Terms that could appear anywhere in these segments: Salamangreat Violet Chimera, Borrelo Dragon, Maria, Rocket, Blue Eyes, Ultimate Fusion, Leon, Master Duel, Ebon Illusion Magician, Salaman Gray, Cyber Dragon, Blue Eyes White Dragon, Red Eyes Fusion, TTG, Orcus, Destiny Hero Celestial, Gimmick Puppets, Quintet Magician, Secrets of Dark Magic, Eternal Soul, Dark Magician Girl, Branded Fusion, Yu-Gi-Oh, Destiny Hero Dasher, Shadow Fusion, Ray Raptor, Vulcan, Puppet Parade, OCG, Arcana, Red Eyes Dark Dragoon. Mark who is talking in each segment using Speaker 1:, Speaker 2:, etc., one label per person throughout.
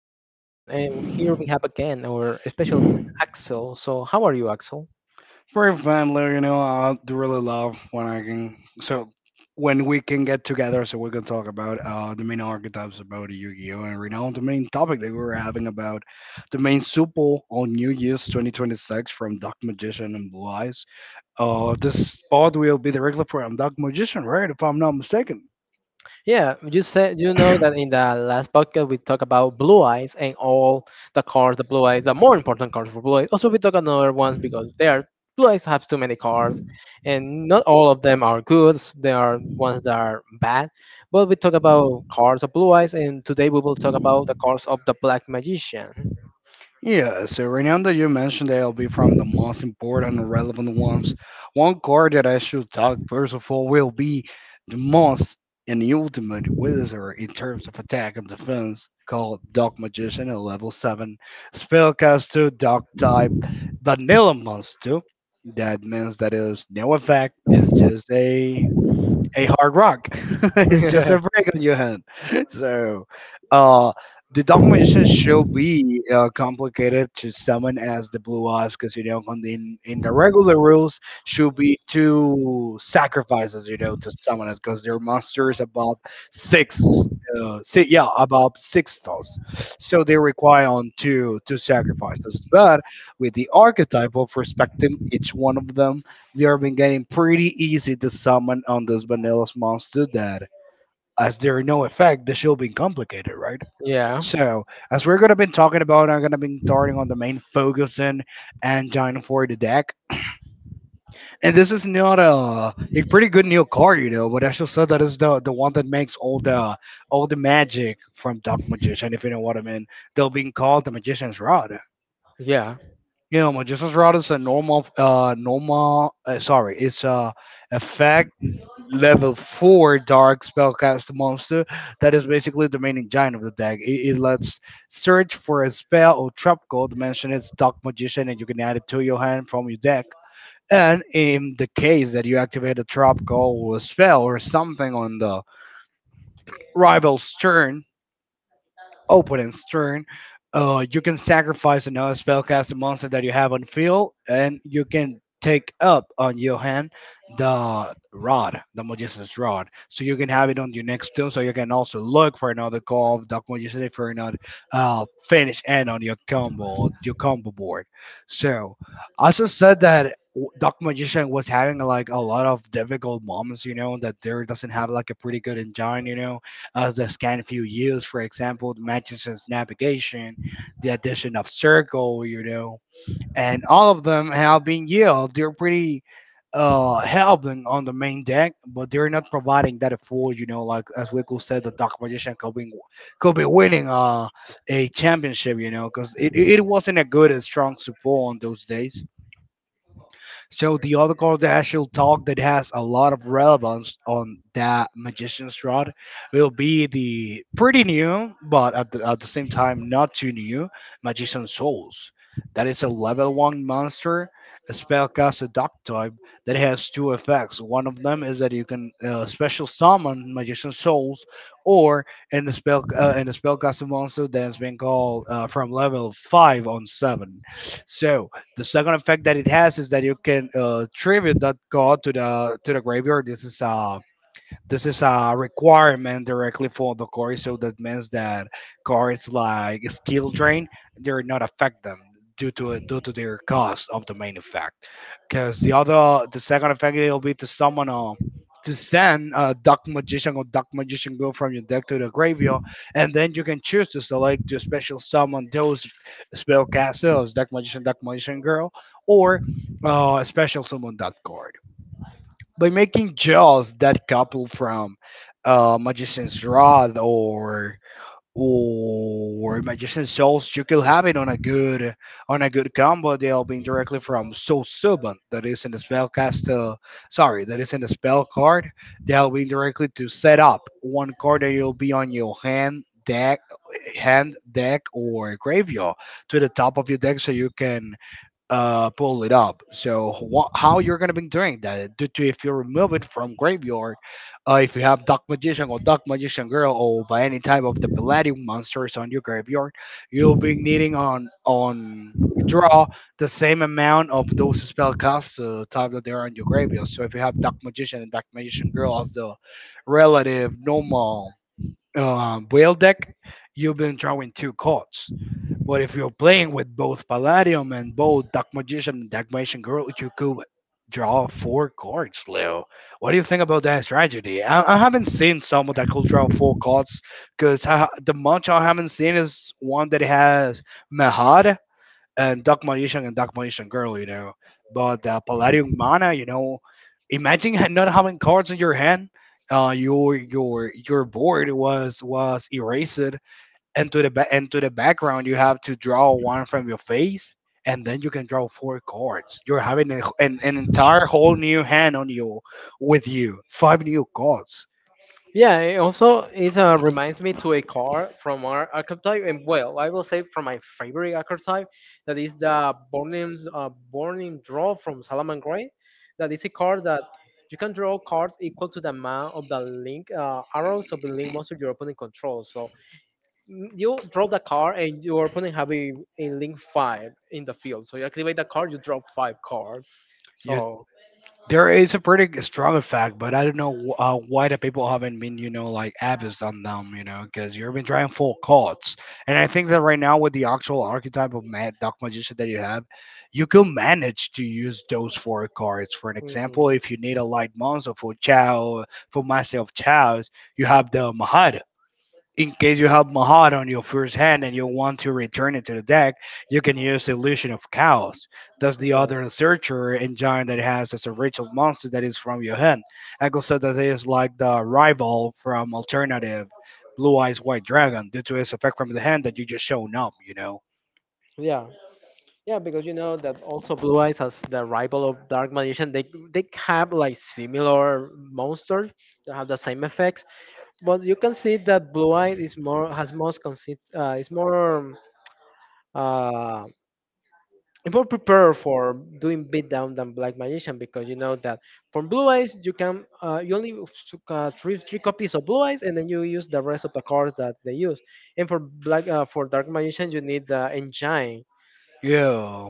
Speaker 1: name is Leon, and here we have again our special guest Axel. So, how are you, Axel?
Speaker 2: Very friendly, I do really love when I can. So when we can get together, so we can talk about the main archetypes about Yu-Gi-Oh, and right now the main topic that we were having about the main Super on New Year's 2026 from Dark Magician and Blue Eyes. This spot will be directly from Dark Magician, right? If I'm not mistaken.
Speaker 1: Yeah, you said you know that in the last podcast we talked about blue eyes and all the cars, the blue eyes, the more important cars for blue eyes. Also, we talk another ones because they are blue eyes have too many cars, and not all of them are good. There are ones that are bad, but we talk about cars of blue eyes, and today we will talk about the cars of the black magician.
Speaker 2: Yeah, so right now that you mentioned that, I will be from the most important and relevant ones. One card that I should talk first of all will be the most and the ultimate wizard in terms of attack and defense, called Dark Magician at level 7, Spellcaster, Dark type, Vanilla Monster. That means that is no effect, it's just a hard rock. It's just a break on your hand. So, uh, the documentation should be complicated to someone as the Blue Eyes, because on the, in the regular rules, should be two sacrifices, to summon it, because their monster is about six. Si yeah, about six thoughts. So they require on two sacrifices. But with the archetype of respecting each one of them, they have been getting pretty easy to summon on this vanilla monster to that. As there are no effect, the shield being complicated, right?
Speaker 1: Yeah.
Speaker 2: So, as we're gonna be talking about, I'm gonna be starting on the main focus and engine for the deck. And this is not a pretty good new card, but I should say that is the one that makes all the magic from Dark Magician, if you know what I mean. They'll be called the Magician's Rod.
Speaker 1: Yeah.
Speaker 2: Magistus route is a normal. Sorry, it's a effect level 4 dark spellcast monster that is basically the main giant of the deck. It lets search for a spell or trap code, mention its Dark Magician, and you can add it to your hand from your deck. And in the case that you activate a trap call or a spell or something on the rival's turn, open and stern, you can sacrifice another spellcasting monster that you have on field, and you can take up on your hand the rod, the magician's rod, so you can have it on your next turn. So you can also look for another call of Dark Magician for another finish end on your combo board. So I also said that Magician was having like a lot of difficult moments, that there doesn't have like a pretty good engine, as the Scanfield used. For example, the Manchester's navigation, the addition of circle, and all of them have been used. They're pretty helping on the main deck, but they're not providing that full, like as Wickle said, the Dark Magician could be winning a championship, because it wasn't a good and strong support on those days. So the other card that I shall talk that has a lot of relevance on that magician's rod will be the pretty new, but at the same time not too new, Magician Souls. That is a level 1 monster, a spellcaster duck type that has two effects. One of them is that you can special summon Magician Souls, or in the spellcaster monster that has been called from level 5 on 7. So the second effect that it has is that you can tribute that god to the graveyard. This is a requirement directly for the core, so that means that cards like skill drain, they're not affect them due to their cost of the main effect. Because the second effect will be to summon a to send a Dark Magician or Dark Magician Girl from your deck to the graveyard, and then you can choose to select to special summon those spellcasters, Dark Magician, Dark Magician Girl, or special summon that card. By making Jaws that couple from Magician's Rod or Magician Souls, you could have it on a good combo deal, being directly from Soul Suban, that is in the spell cast, sorry, that is in the spell card. They'll be directly to set up one card that will be on your hand deck or graveyard, to the top of your deck so you can pull it up. So how you're gonna be doing that? Due to, if you remove it from graveyard, if you have Dark Magician or Dark Magician Girl or by any type of the Palladium monsters on your graveyard, you'll be needing on draw the same amount of those spell costs type that they are on your graveyard. So if you have Dark Magician and Dark Magician Girl as the relative normal whale deck, you've been drawing two cards. But if you're playing with both Palladium and both Dark Magician and Dark Magician Girl, you could draw four cards, Leo. What do you think about that strategy? I haven't seen someone that could draw four cards, because the much I haven't seen is one that has Mehad and Dark Magician Girl. But Palladium Mana, imagine not having cards in your hand. Your board was erased, and to the and to the background you have to draw one from your face, and then you can draw four cards. You're having an entire whole new hand on you, with you five new cards
Speaker 1: Yeah, it also it reminds me to a car from our archetype, and well, I will say from my favorite archetype, that is the Bornim's Bornim draw from Salaman Gray. That is a card that you can draw cards equal to the amount of the link arrows of the link monster your opponent controls. You drop the car and your opponent have a link five in the field. So you activate the card, you drop five cards.
Speaker 2: you
Speaker 1: So
Speaker 2: There is a pretty strong effect, but I don't know why the people haven't been, like abused on them, because you've been trying full cards. And I think that right now with the actual archetype of Mad Dark Magician that you have, you can manage to use those four cards. For an
Speaker 1: mhm,
Speaker 2: example, if you need a light monster for Chao, for Master of Chaos, you have the Mahara in case you have Mahat on your first hand and you want to return it to the deck, you can use Illusion of Chaos. That's the
Speaker 1: yes.
Speaker 2: other searcher engine that has as a ritual monster that is from your hand. I could That is like the rival from alternative Blue Eyes White Dragon, due to its effect from the hand that you just shown up.
Speaker 1: Yeah, yeah, because you know that also Blue Eyes as the rival of Dark Magician, they have like similar monsters that have the same effects, but you can see that Blue Eyes is more has most consist is more uh, it more prepared for doing beatdown than black magician because you know that from blue eyes you can you only three three copies of blue eyes and then you use the rest of the cards that they use, and for black for dark magician you need the engine.
Speaker 2: Yo,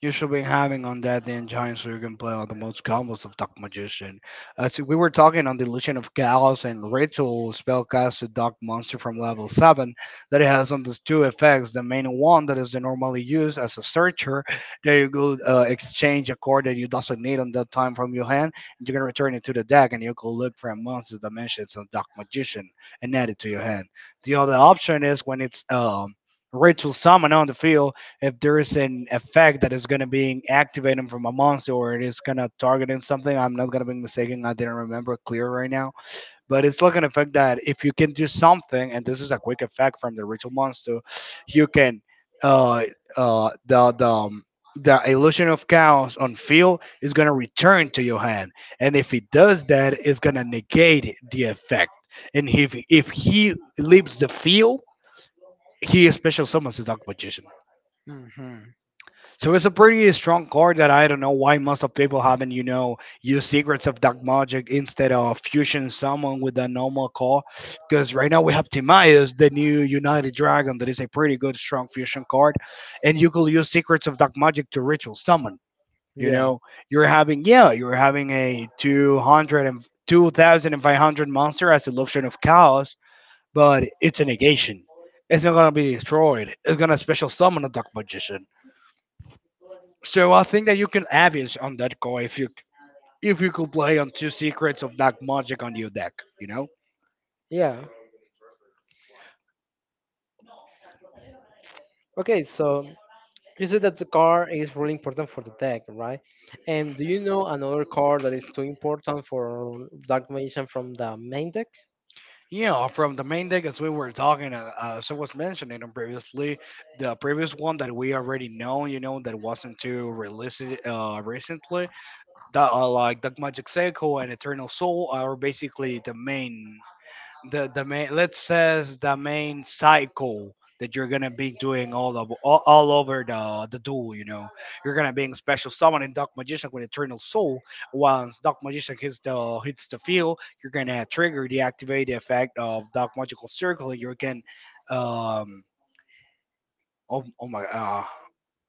Speaker 2: you should be having on that then giant so you can play on the most combos of Dark Magician. As we were talking on the Illusion of Chaos and Ritual spellcast, a Dark Monster from level 7 that it has on these two effects. The main one, that is normally used as a searcher, there you go, exchange a card that you doesn't need on that time from your hand, and you can return it to the deck and you can look for a monster dimensions of Dark Magician and add it to your hand. The other option is when it's Ritual Summon on the field. If there is an effect that is going to be activating from a monster, or it is going to targeting something, I'm not going to be mistaken, I didn't remember clear right now, but it's like an effect that if you can do something, and this is a quick effect from the ritual monster, you can, uh uh the the um, the Illusion of Chaos on field is going to return to your hand, and if he does that it's going to negate the effect, and if he leaves the field, he special summons the Dark Magician.
Speaker 1: Mm.
Speaker 2: So it's a pretty strong card that I don't know why most of people haven't, used Secrets of Dark Magic instead of fusion Summon with a normal card. Because right now we have Timaeus, the new United Dragon, that is a pretty good strong fusion card. And you could use Secrets of Dark Magic to ritual summon. You
Speaker 1: Yeah,
Speaker 2: know, you're having, yeah, you're having a two hundred and two thousand and five hundred monster as Eruption of Chaos, but it's a negation. It's not gonna be destroyed. It's gonna special summon a Dark Magician, so I think that you can average on that card if you could play on two secrets of Dark Magic on your deck, you know?
Speaker 1: yeah, okay, so you said that the card is really important for the deck, right? And do you know another card that is too important for dark magician from the main deck?
Speaker 2: Yeah, from the main deck as we were talking, as I was mentioning them previously, the previous one that we already know, you know, that wasn't too released recently, that are like Dark Magic Seiko and Eternal Soul are basically the main let's says the main cycle that you're gonna be doing all over the duel, you know. You're gonna being special summon in Dark Magician with Eternal Soul. Once Dark Magician hits the field, you're gonna trigger the activate the effect of Dark Magical Circle, and you can um oh,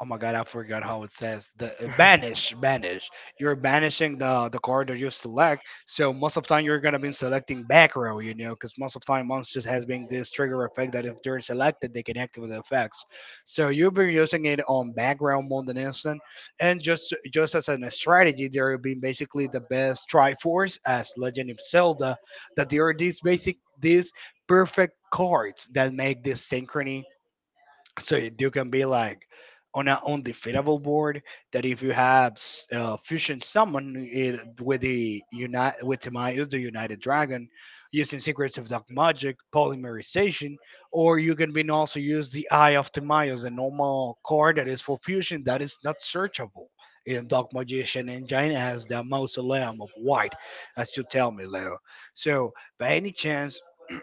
Speaker 2: oh my God, I forgot how it says. The banish, banish. You're banishing the card that you select. So most of time you're gonna be selecting back row, you know, because most of time monsters has been this trigger effect that if they're selected, they can activate the effects. So you've been using it on back row more than instant, and just as a strategy, there have been basically the best Triforce as Legend of Zelda, that there are these perfect cards that make this synchrony, so you can be like on an undefeatable board, that if you have fusion summon it with the unite with Timaeus the United Dragon using Secrets of Dark Magic polymerization, or you can be also use the Eye of Timaeus, a normal card that is for fusion that is not searchable in Dark Magician Engine as the mausoleum of white, as you tell me, Leo. So by any chance.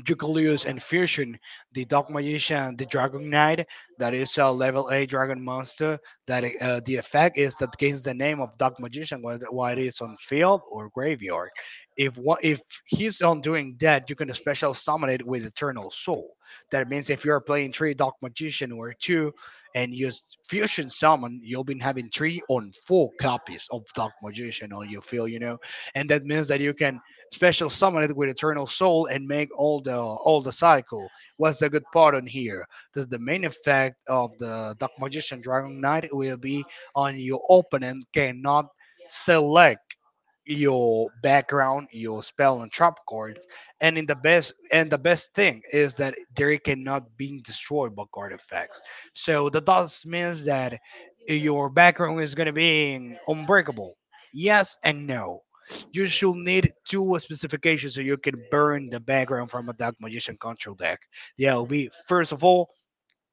Speaker 2: Jukulius and Fusion, the Dark Magician, the Dragon Knight, that is a level A dragon monster. That the effect is that gains the name of Dark Magician whether while it is on field or graveyard. If he's on doing that, you can special summon it with Eternal Soul. That means if you are playing three Dark Magician or two, and use Fusion Summon, you'll be having three on four copies of Dark Magician on your field, you know, and that means that you can special summon it with Eternal Soul and make all the cycle. What's the good part on here? Does the main effect of the Dark Magician Dragon Knight will be on your opponent cannot select your background, your spell and trap cards, and in the best thing is that they cannot be destroyed by card effects. So that does means that your background is gonna be unbreakable. Yes and no, you should need two specifications so you can burn the background from a Dark Magician control deck. That will be first of all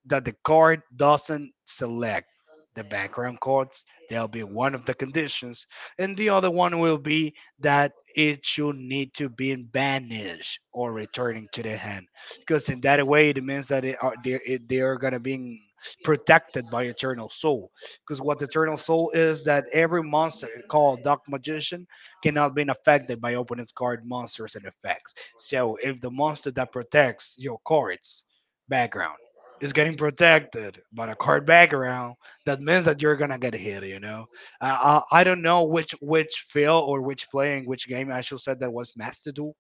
Speaker 2: that the card doesn't select the background codes. There'll be one of the conditions, and the other one will be that it should need to be banished or returning to the hand, because in that way it means that it are, they, it, they are gonna be protected by Eternal Soul. Because what Eternal Soul is that every monster called Dark Magician cannot be affected by opponent's card monsters and effects. So if the monster that protects your cards background is getting protected by a card background, that means that you're gonna get hit, you know. I don't know which field or which play in which game I should said that was master duel,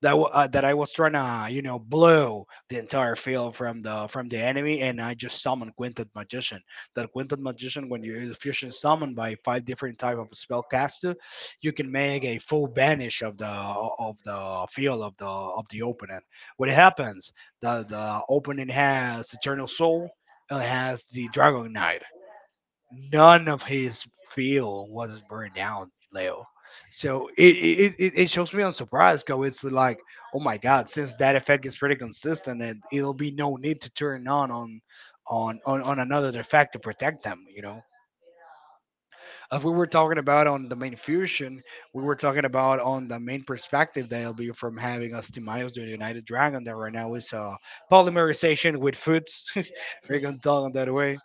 Speaker 2: that that I was trying to, you know, blow the entire field from the enemy, and I just summoned Quintet Magician. That Quintet Magician, when you use fusion summon by five different type of spellcaster, you can make a full banish of the field of the opponent. What happens? The opponent has Eternal Soul. It has the Dragon Knight, none of his field was burned down, Leo. So it shows me, I'm surprised. Cause it's like, oh my god, since that effect is pretty consistent and it'll be no need to turn on another effect to protect them, you know. As we were talking about on the main fusion, we were talking about on the main perspective that'll be from having us to Miles the United Dragon that right now is polymerization with foods. We're gonna talk on that way.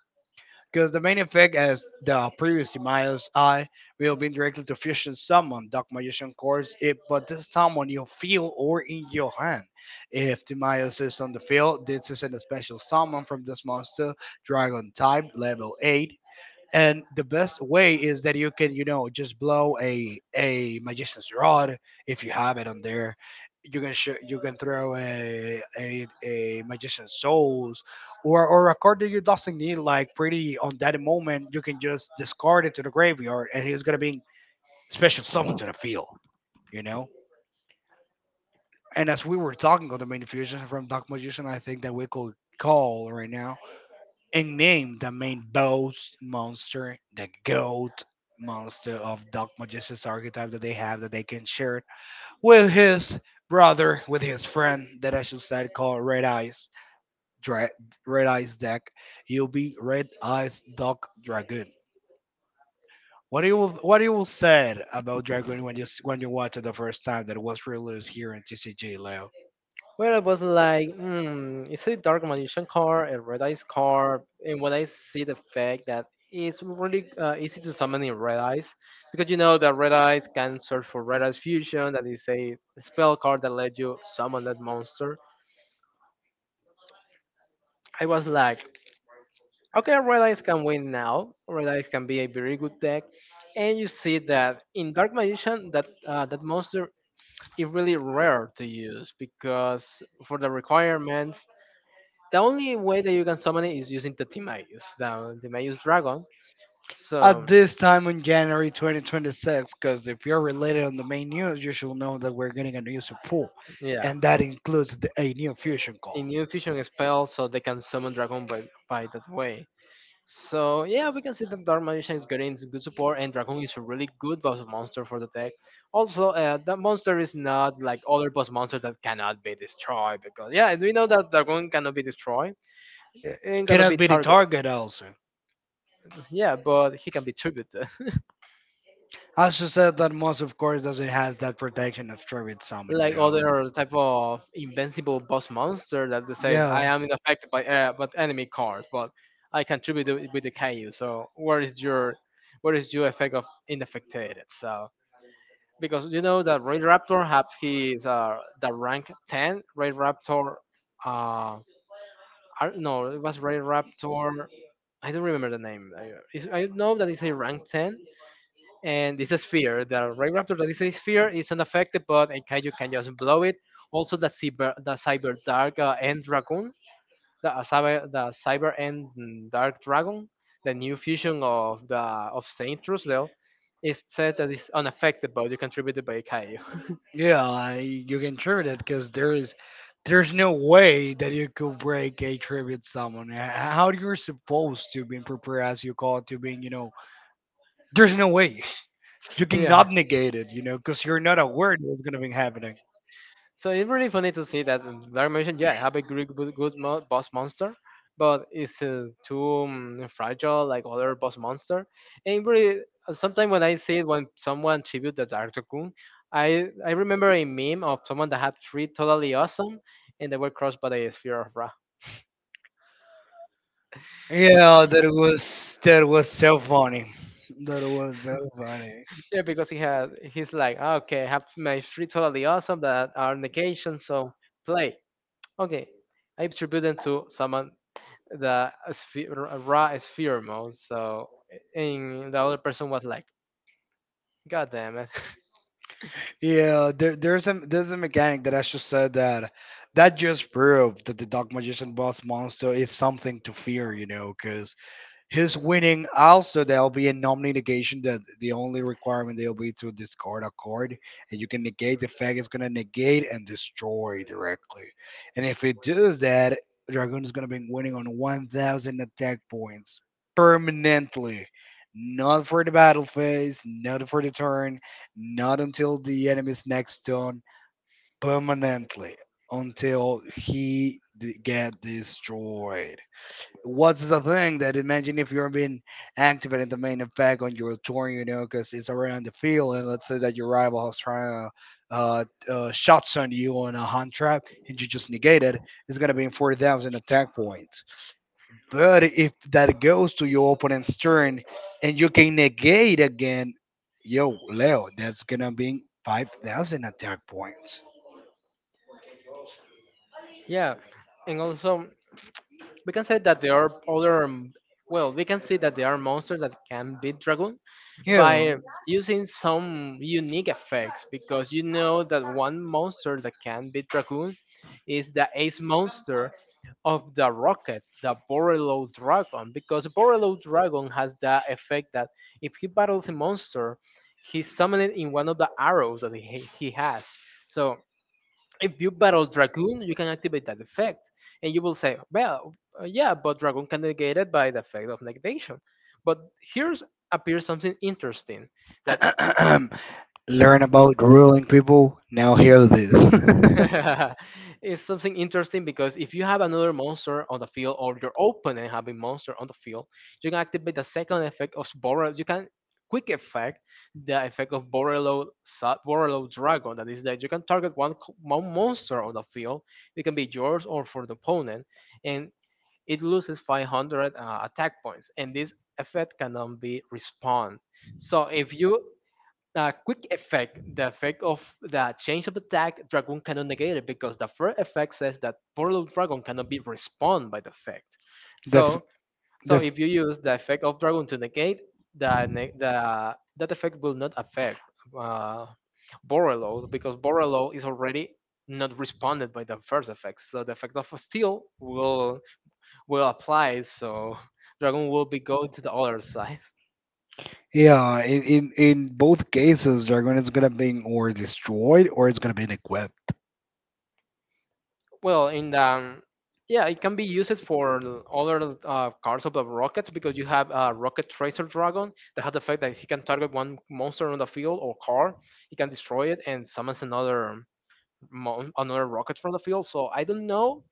Speaker 2: Because the main effect, as the previous Miles I, will be directly to fusion summon Dark Magician cards, if but this summon you feel or in your hand. If Timaeus is on the field, this is an special summon from this monster, Dragon type, level 8, and the best way is that you can, you know, just blow a magician's rod if you have it on there. You can you can throw a magician's souls, or a card that you doesn't need like pretty on that moment, you can just discard it to the graveyard and he's gonna be special summoned to the field, you know. And as we were talking on the main fusion from Dark Magician, I think that we could call right now and named the main boss monster the goat monster of Dark Magistus archetype that they have, that they can share with his brother, with his friend that I should say called Red Eyes Dra- Red Eyes deck. You'll be Red Eyes Dark Dragoon. What you will said about Dragoon when you when you watched it the first time that it was released here in TCG, Leo?
Speaker 1: Well, it was like, mm, is it a Dark Magician card, a Red Eyes card? And when I see the fact that it's really easy to summon in Red Eyes, because you know that Red Eyes can search for Red Eyes Fusion, that is a spell card that lets you summon that monster. I was like, okay, Red Eyes can win now. Red Eyes can be a very good deck. And you see that in Dark Magician, that that monster is really rare to use because for the requirements. The only way that you can summon it is using the Timaeus dragon.
Speaker 2: At
Speaker 1: So
Speaker 2: this time in January 2026, because if you're related on the main news, you should know that we're getting a new support,
Speaker 1: yeah,
Speaker 2: and that includes the, a new fusion
Speaker 1: a
Speaker 2: call.
Speaker 1: new fusion spell, so they can summon dragon by that way. So yeah, we can see that Dark Magician is getting some good support, and Dragon is a really good boss monster for the deck. Also, that monster is not like other boss monsters that cannot be destroyed because yeah, we know that Dragon cannot be destroyed and cannot
Speaker 2: Cannot
Speaker 1: be
Speaker 2: be the
Speaker 1: targeted.
Speaker 2: target also.
Speaker 1: Yeah, but he can be tribute.
Speaker 2: Also said that most, of course, doesn't has that protection of Tribute Summon, you
Speaker 1: Like
Speaker 2: know.
Speaker 1: other type of invincible boss monster that they says I
Speaker 2: Yeah.
Speaker 1: am affected by but enemy cards, but I contribute with the KU. So where is your effect of inaffected? So because you know that Ray Raptor have his the rank ten Ray Raptor uh I do it was Ray Raptor. I don't remember the name. I, it's- I know that it's a rank ten and it's a sphere. The ray raptor that is a sphere is unaffected, but a kaiju can just blow it. Also, the cyber dark end dragon, the cyber the cyber end mm, dark dragon, the new fusion of the of Saint Trusdale, is said that it's unaffected, but you contributed by a kaiju.
Speaker 2: Yeah, I, you can tribute it because there is there's no way that you could break a tribute someone. How you're supposed to be prepared as you call it to being, you know, there's no way you
Speaker 1: Yeah.
Speaker 2: cannot negate it, you know, because you're not aware that it's gonna be happening.
Speaker 1: So it's really funny to see that Dark Mansion, yeah, have a great good, good mo- boss monster, but it's too fragile like other boss monster. And really, sometimes when I see it, when someone tribute the Dark Cocoon, I remember a meme of someone that had three totally awesome, and they were crushed by the Sphere of Wrath.
Speaker 2: Yeah, that was so funny. That was so funny.
Speaker 1: Yeah, because he had he's like, "Ah, okay, I have my three totally awesome that are negation, so play. Okay, I tribute them to someone the sphe- r- raw sphere mode. So and the other person was like, "God damn it!"
Speaker 2: Yeah, there's a mechanic that actually said that that just proved that the Dark Magician boss monster is something to fear, you know, 'cause his winning also there'll be a non-negation, that the only requirement there'll be to discard a card and you can negate the fact it's going to negate and destroy directly. And if it does that, Dragoon is going to be winning on 1000 attack points permanently, not for the battle phase, not for the turn, not until the enemy's next turn, permanently, until he get destroyed. What's the thing that imagine if you're being active in the main effect on your turn, you know, because it's around the field, and let's say that your rival has trying to shots on you on a hunt trap, and you just negate it, it's gonna be in 40,000 attack points. But if that goes to your opponent's turn, and you can negate again, yo, Leo, that's gonna be 5,000 attack points.
Speaker 1: Yeah, and also we can say that there are other. Well, we can see that there are monsters that can beat Dragoon
Speaker 2: Yeah.
Speaker 1: by using some unique effects because you know that one monster that can beat dragoon is the ace monster of the rockets, the Borello Dragon, because Borello Dragon has the effect that if he battles a monster, he summons it in one of the arrows that he has. So if you battle Dragoon, you can activate that effect. And you will say, well, yeah, but Dragoon can negate it by the effect of negation. But here's appears something interesting that
Speaker 2: Learn about ruling people. Now hear this.
Speaker 1: it's something interesting because if you have another monster on the field or your opponent having monster on the field, you can activate the second effect of Borrel. You can quick effect the effect of Borelo Dragon. That is that you can target one monster on the field. It can be yours or for the opponent, and it loses 500 attack points. And this effect cannot be respawned. So if you a quick effect, the effect of the change of attack, Dragoon cannot negate it because the first effect says that Portal Dragon cannot be respawned by the effect.
Speaker 2: F-
Speaker 1: So,
Speaker 2: the
Speaker 1: so
Speaker 2: f-
Speaker 1: if you use the effect of Dragon to negate, the, the that effect will not affect uh, Borrelo because Borrelo is already not responded by the first effect. So the effect of Steel will apply. So Dragon will be go to the other side.
Speaker 2: yeah. In both cases, they're going it's going to be or destroyed or it's going to be equipped.
Speaker 1: Well, in the yeah, it can be used for other cards of the rockets because you have a rocket tracer dragon that has the fact that he can target one monster on the field or car, he can destroy it and summons another another rocket from the field. So I don't know.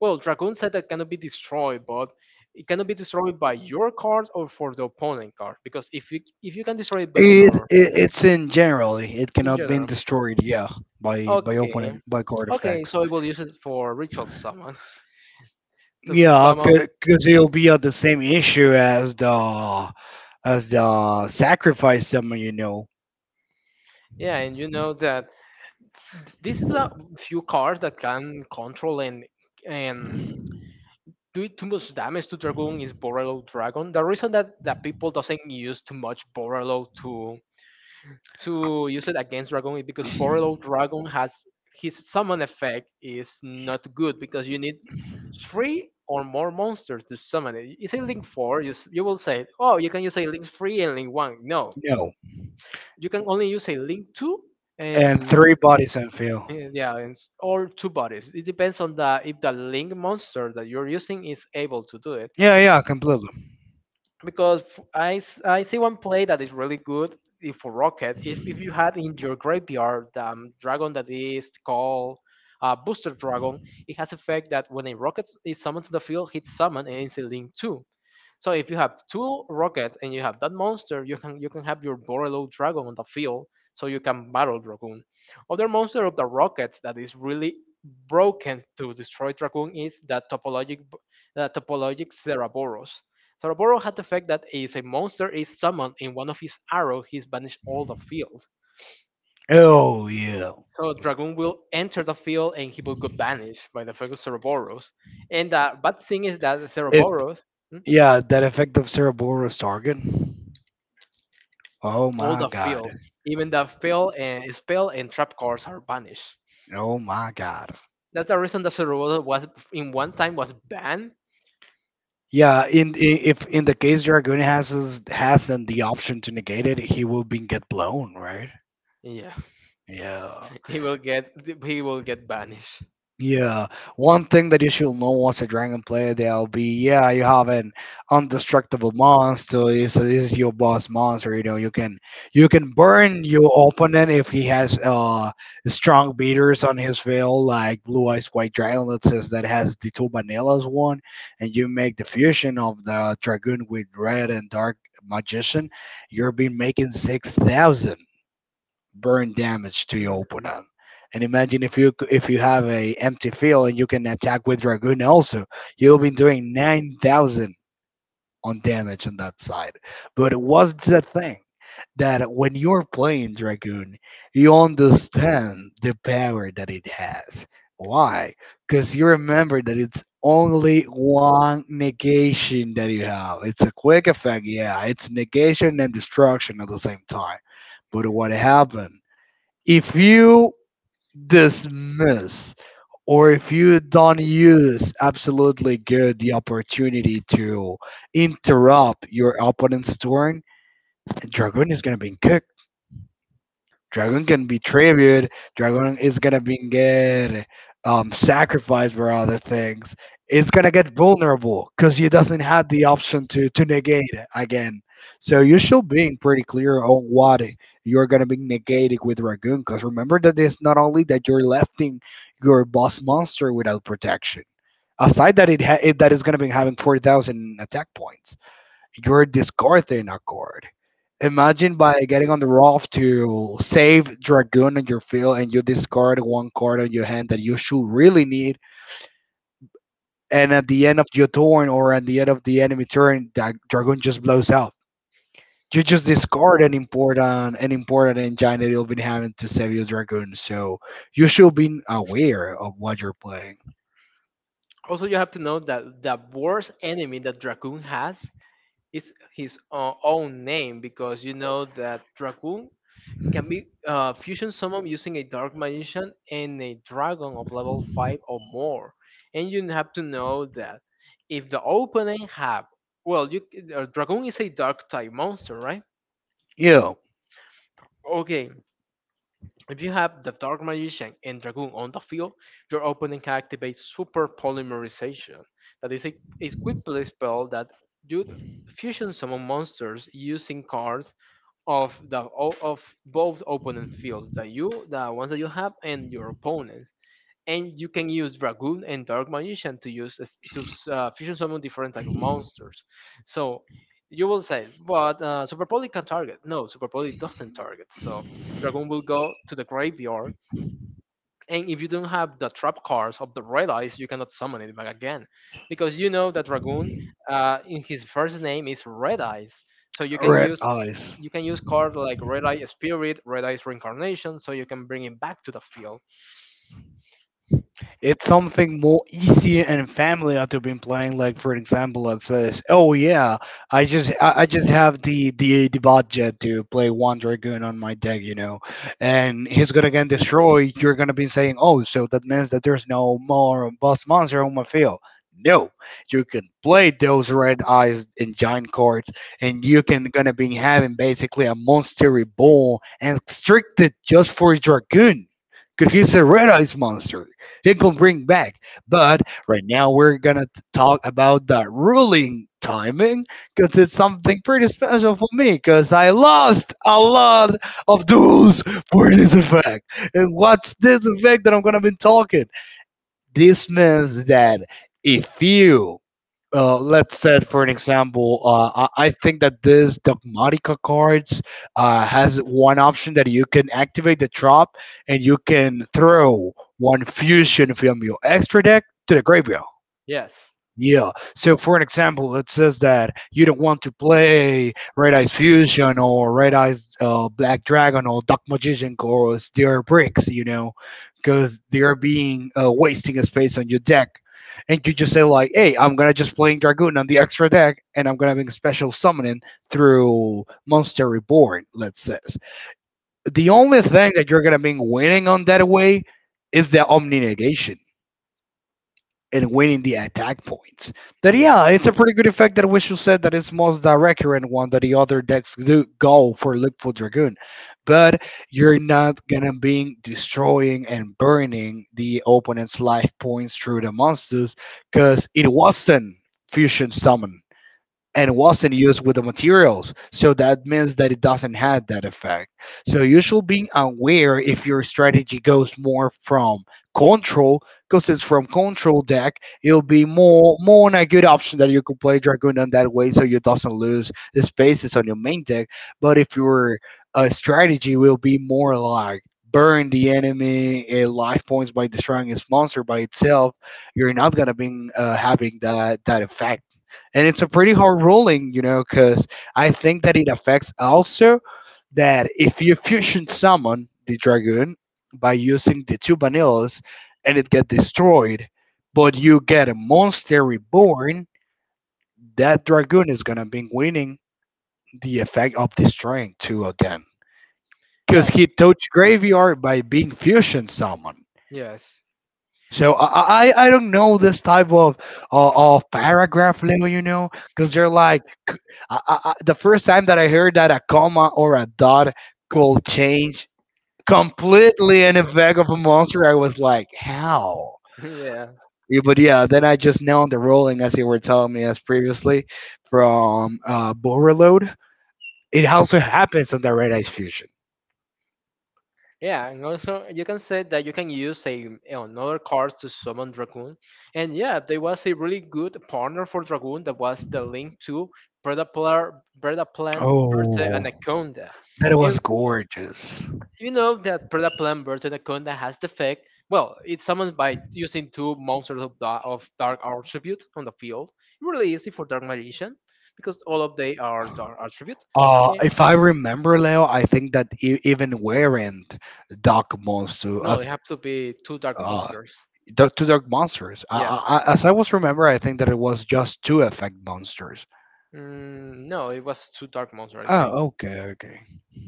Speaker 1: Well, dragoon said that cannot be destroyed, but it cannot be destroyed by your card or for the opponent card because if you can destroy it, but
Speaker 2: It, it
Speaker 1: your
Speaker 2: it's in generally. It
Speaker 1: in
Speaker 2: cannot be
Speaker 1: general,
Speaker 2: destroyed. Yeah, by
Speaker 1: okay.
Speaker 2: opening by card
Speaker 1: Okay,
Speaker 2: effects.
Speaker 1: so I will use it for ritual summon to
Speaker 2: Yeah,
Speaker 1: summon.
Speaker 2: because it'll be at the same issue as the sacrifice someone, you know.
Speaker 1: Yeah, and you know that this is a few cards that can control and do too much damage to Dragoon is Borrello Dragon. The reason that, that people doesn't use too much Borrello to use it against Dragon is because Borrello Dragon has his summon effect is not good because you need three or more monsters to summon it. You say link four, you will say, oh, you can use a link three and link one. No,
Speaker 2: No,
Speaker 1: you can only use a link two
Speaker 2: and
Speaker 1: and
Speaker 2: three bodies on field.
Speaker 1: yeah, yeah, and or two bodies. It depends on the if the link monster that you're using is able to do it.
Speaker 2: Yeah, yeah, completely.
Speaker 1: Because I see one play that is really good if for Rocket. If you have in your graveyard the dragon that is called Booster Dragon, it has effect that when a rocket is summoned to the field, hits summon and it's a link two. So if you have two rockets and you have that monster, you can have your Borelo dragon on the field, so you can battle Dragoon. Other monster of the rockets that is really broken to destroy Dragoon is the topologic Cereboros. Cereboros had the fact that if a monster is summoned in one of his arrows, he's banished all the field.
Speaker 2: Oh yeah.
Speaker 1: So Dragoon will enter the field and he will get banished by the fact of Cereboros. And the bad thing is that
Speaker 2: If
Speaker 1: Cereboros.
Speaker 2: yeah, that effect of Cerberus target. Oh
Speaker 1: All
Speaker 2: my
Speaker 1: the field,
Speaker 2: god.
Speaker 1: even the fail and spell and trap cards are banished.
Speaker 2: Oh my god.
Speaker 1: That's the reason that Cerebral was in one time was banned.
Speaker 2: Yeah, in if in the case Dragoon has his, has and the option to negate it, he will be get blown, right?
Speaker 1: Yeah,
Speaker 2: Yeah.
Speaker 1: he will get he will get banished.
Speaker 2: Yeah. One thing that you should know as a dragon player, they'll be, yeah, you have an undestructible monster. This is your boss monster. You know, you can burn your opponent if he has strong beaters on his field, like Blue Eyes White Dragon, let's say, that has the two vanillas one, and you make the fusion of the Dragoon with red and Dark Magician, you're been making 6,000 burn damage to your
Speaker 1: Mhm.
Speaker 2: opponent. And imagine if you have a empty field and you can attack with Dragoon also, you'll be doing 9,000 on damage on that side. But what's the thing that when you're playing Dragoon, you understand the power that it has. Why? Because you remember that it's only one negation that you have. It's a quick effect, yeah. It's negation and destruction at the same time. But what happened? If you dismiss or if you don't use absolutely good the opportunity to interrupt your opponent's turn, Dragoon is gonna be cooked. Dragon can be tribute. Dragon is gonna be get sacrificed for other things. It's gonna get vulnerable because he doesn't have the option to negate it again. So you should be pretty clear on what you're gonna be negating with Dragoon. Because remember that it's not only that you're lefting your boss monster without protection. Aside that it that is gonna be having 40,000 attack points, you're discarding a card. Imagine by getting on the raft to save Dragoon on your field and you discard one card on your hand that you should really need. And at the end of your turn or at the end of the enemy turn, that Dragoon just blows out. You just discard an important engine that you've been having to save your Dragoon. So you should be aware of what you're playing.
Speaker 1: Also, you have to know that the worst enemy that Dragoon has is his own name, because you know that Dragoon can be fusion summon using a dark magician and a dragon of level 5 or more. And you have to know that if the opponent have, well you dragon is a dark type monster, right?
Speaker 2: You know,
Speaker 1: Okay, if you have the dark magician and dragon on the field, your opponent can activate super polymerization. That is a quick play spell that you fusion summon monsters using cards of the o- of both opponent fields, that you the ones that you have and your opponents. And you can use dragoon and dark magician to fusion summon different type of monsters. So you will say, but super poly can target. No, super poly doesn't target, so dragoon will go to the graveyard. And if you don't have the trap cards of the red eyes, you cannot summon it back again, because you know that dragoon, in his first name is red eyes. So
Speaker 2: red eyes.
Speaker 1: you can use cards like red eye spirit, red eyes reincarnation, so you can bring it back to the field.
Speaker 2: It's something more easy and family to been playing. Like for example, it says, "Oh yeah, I just have the the budget to play one dragoon on my deck, you know, and he's gonna get destroyed. You're gonna be saying, oh, so that means that there's no more boss monster on my field." No, you can play those red eyes and giant cards, and you can gonna be having basically a monster reborn and restricted just for his dragoon. Because he's a red eyes monster it can bring back. But right now we're gonna talk about the ruling timing because it's something pretty special for me because I lost a lot of duels for this effect. And what's this effect that I'm gonna be talking? This means that if you, let's say, for an example, I think that this Dogmatica cards has one option that you can activate the drop and you can throw one fusion from your extra deck to the graveyard.
Speaker 1: Yes.
Speaker 2: Yeah. So, for an example, it says that you don't want to play Red Eyes Fusion or Red Eyes Black Dragon or Dark Magician because they are bricks, you know, because they are being wasting a space on your deck. And you just say like, "Hey, I'm gonna just playing Dragoon on the extra deck, and I'm gonna make a special summoning through Monster Reborn." Let's say the only thing that you're gonna be winning on that way is the Omni Negation and winning the attack points. That
Speaker 1: Yeah.
Speaker 2: yeah, it's a pretty good effect that Wishful said that it's most direct current one that the other decks do go for Liquid Dragoon. But you're not gonna be destroying and burning the opponent's life points through the monsters because it wasn't fusion summon and wasn't used with the materials. So that means that it doesn't have that effect. So you should be aware if your strategy goes more from control, because it's from control deck, it'll be more on a good option that you could play Dragoon on that way so you doesn't lose the spaces on your main deck. But if your strategy will be more like burn the enemy life points by destroying its monster by itself, you're not gonna be having that effect and it's a pretty hard ruling, you know, because I think that it affects also that if you fusion summon the dragoon by using the two vanillas and it get destroyed, but you get a monster reborn, that dragoon is gonna be winning the effect of destroying two again, because
Speaker 1: Yeah.
Speaker 2: he touched graveyard by being fusion summon.
Speaker 1: Yes.
Speaker 2: So I don't know this type of of paragraph level, you know, because they're like the first time that I heard that a comma or a dot could change completely in the back of a monster, I was like, how?
Speaker 1: yeah.
Speaker 2: Yeah, but yeah, then I just know the rolling, as you were telling me as previously, from Borreload. It also happens on the Red Ice Fusion.
Speaker 1: Yeah, and also you can say that you can use a another card to summon Dragoon. And yeah, there was a really good partner for Dragoon that was the link to Predaplant, Berta, and
Speaker 2: Oh,
Speaker 1: Anaconda.
Speaker 2: that
Speaker 1: And
Speaker 2: was gorgeous.
Speaker 1: you know that Predaplant, Berta, and Anaconda has the effect. Well, it's summoned by using two monsters of, Dark Attribute on the field. Really easy for Dark Magician because all of they are Dark Attribute. Eh,
Speaker 2: If I remember, Leo, I think that even weren't Doc Monster.
Speaker 1: no, they have to be two Dark
Speaker 2: Uh,
Speaker 1: Monsters.
Speaker 2: Dark, to Dark Monsters.
Speaker 1: Yeah.
Speaker 2: As I was remember, I think that it was just two effect monsters.
Speaker 1: Mm, no, it was too dark monster, I think,
Speaker 2: Oh, okay, okay.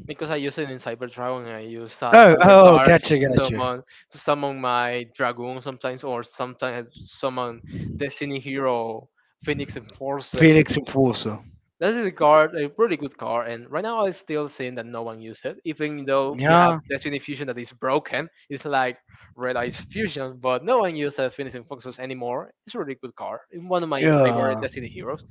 Speaker 1: because I use it in Cyber Dragon. And I use
Speaker 2: Oh,
Speaker 1: Cyber
Speaker 2: oh,
Speaker 1: Darks
Speaker 2: gotcha, gotcha.
Speaker 1: to summon my dragoon sometimes, or sometimes summon Destiny Hero Phoenix Enforcer.
Speaker 2: Phoenix and Fuso.
Speaker 1: That is a card, a really good card, and right now I'm still seeing that no one uses it, even though we have
Speaker 2: Yeah,
Speaker 1: Destiny Fusion that is broken. It's like Red Eyes Fusion, but no one uses Phoenix Enforcer anymore. It's a really good card. It's one of my favorite
Speaker 2: yeah.
Speaker 1: Destiny heroes.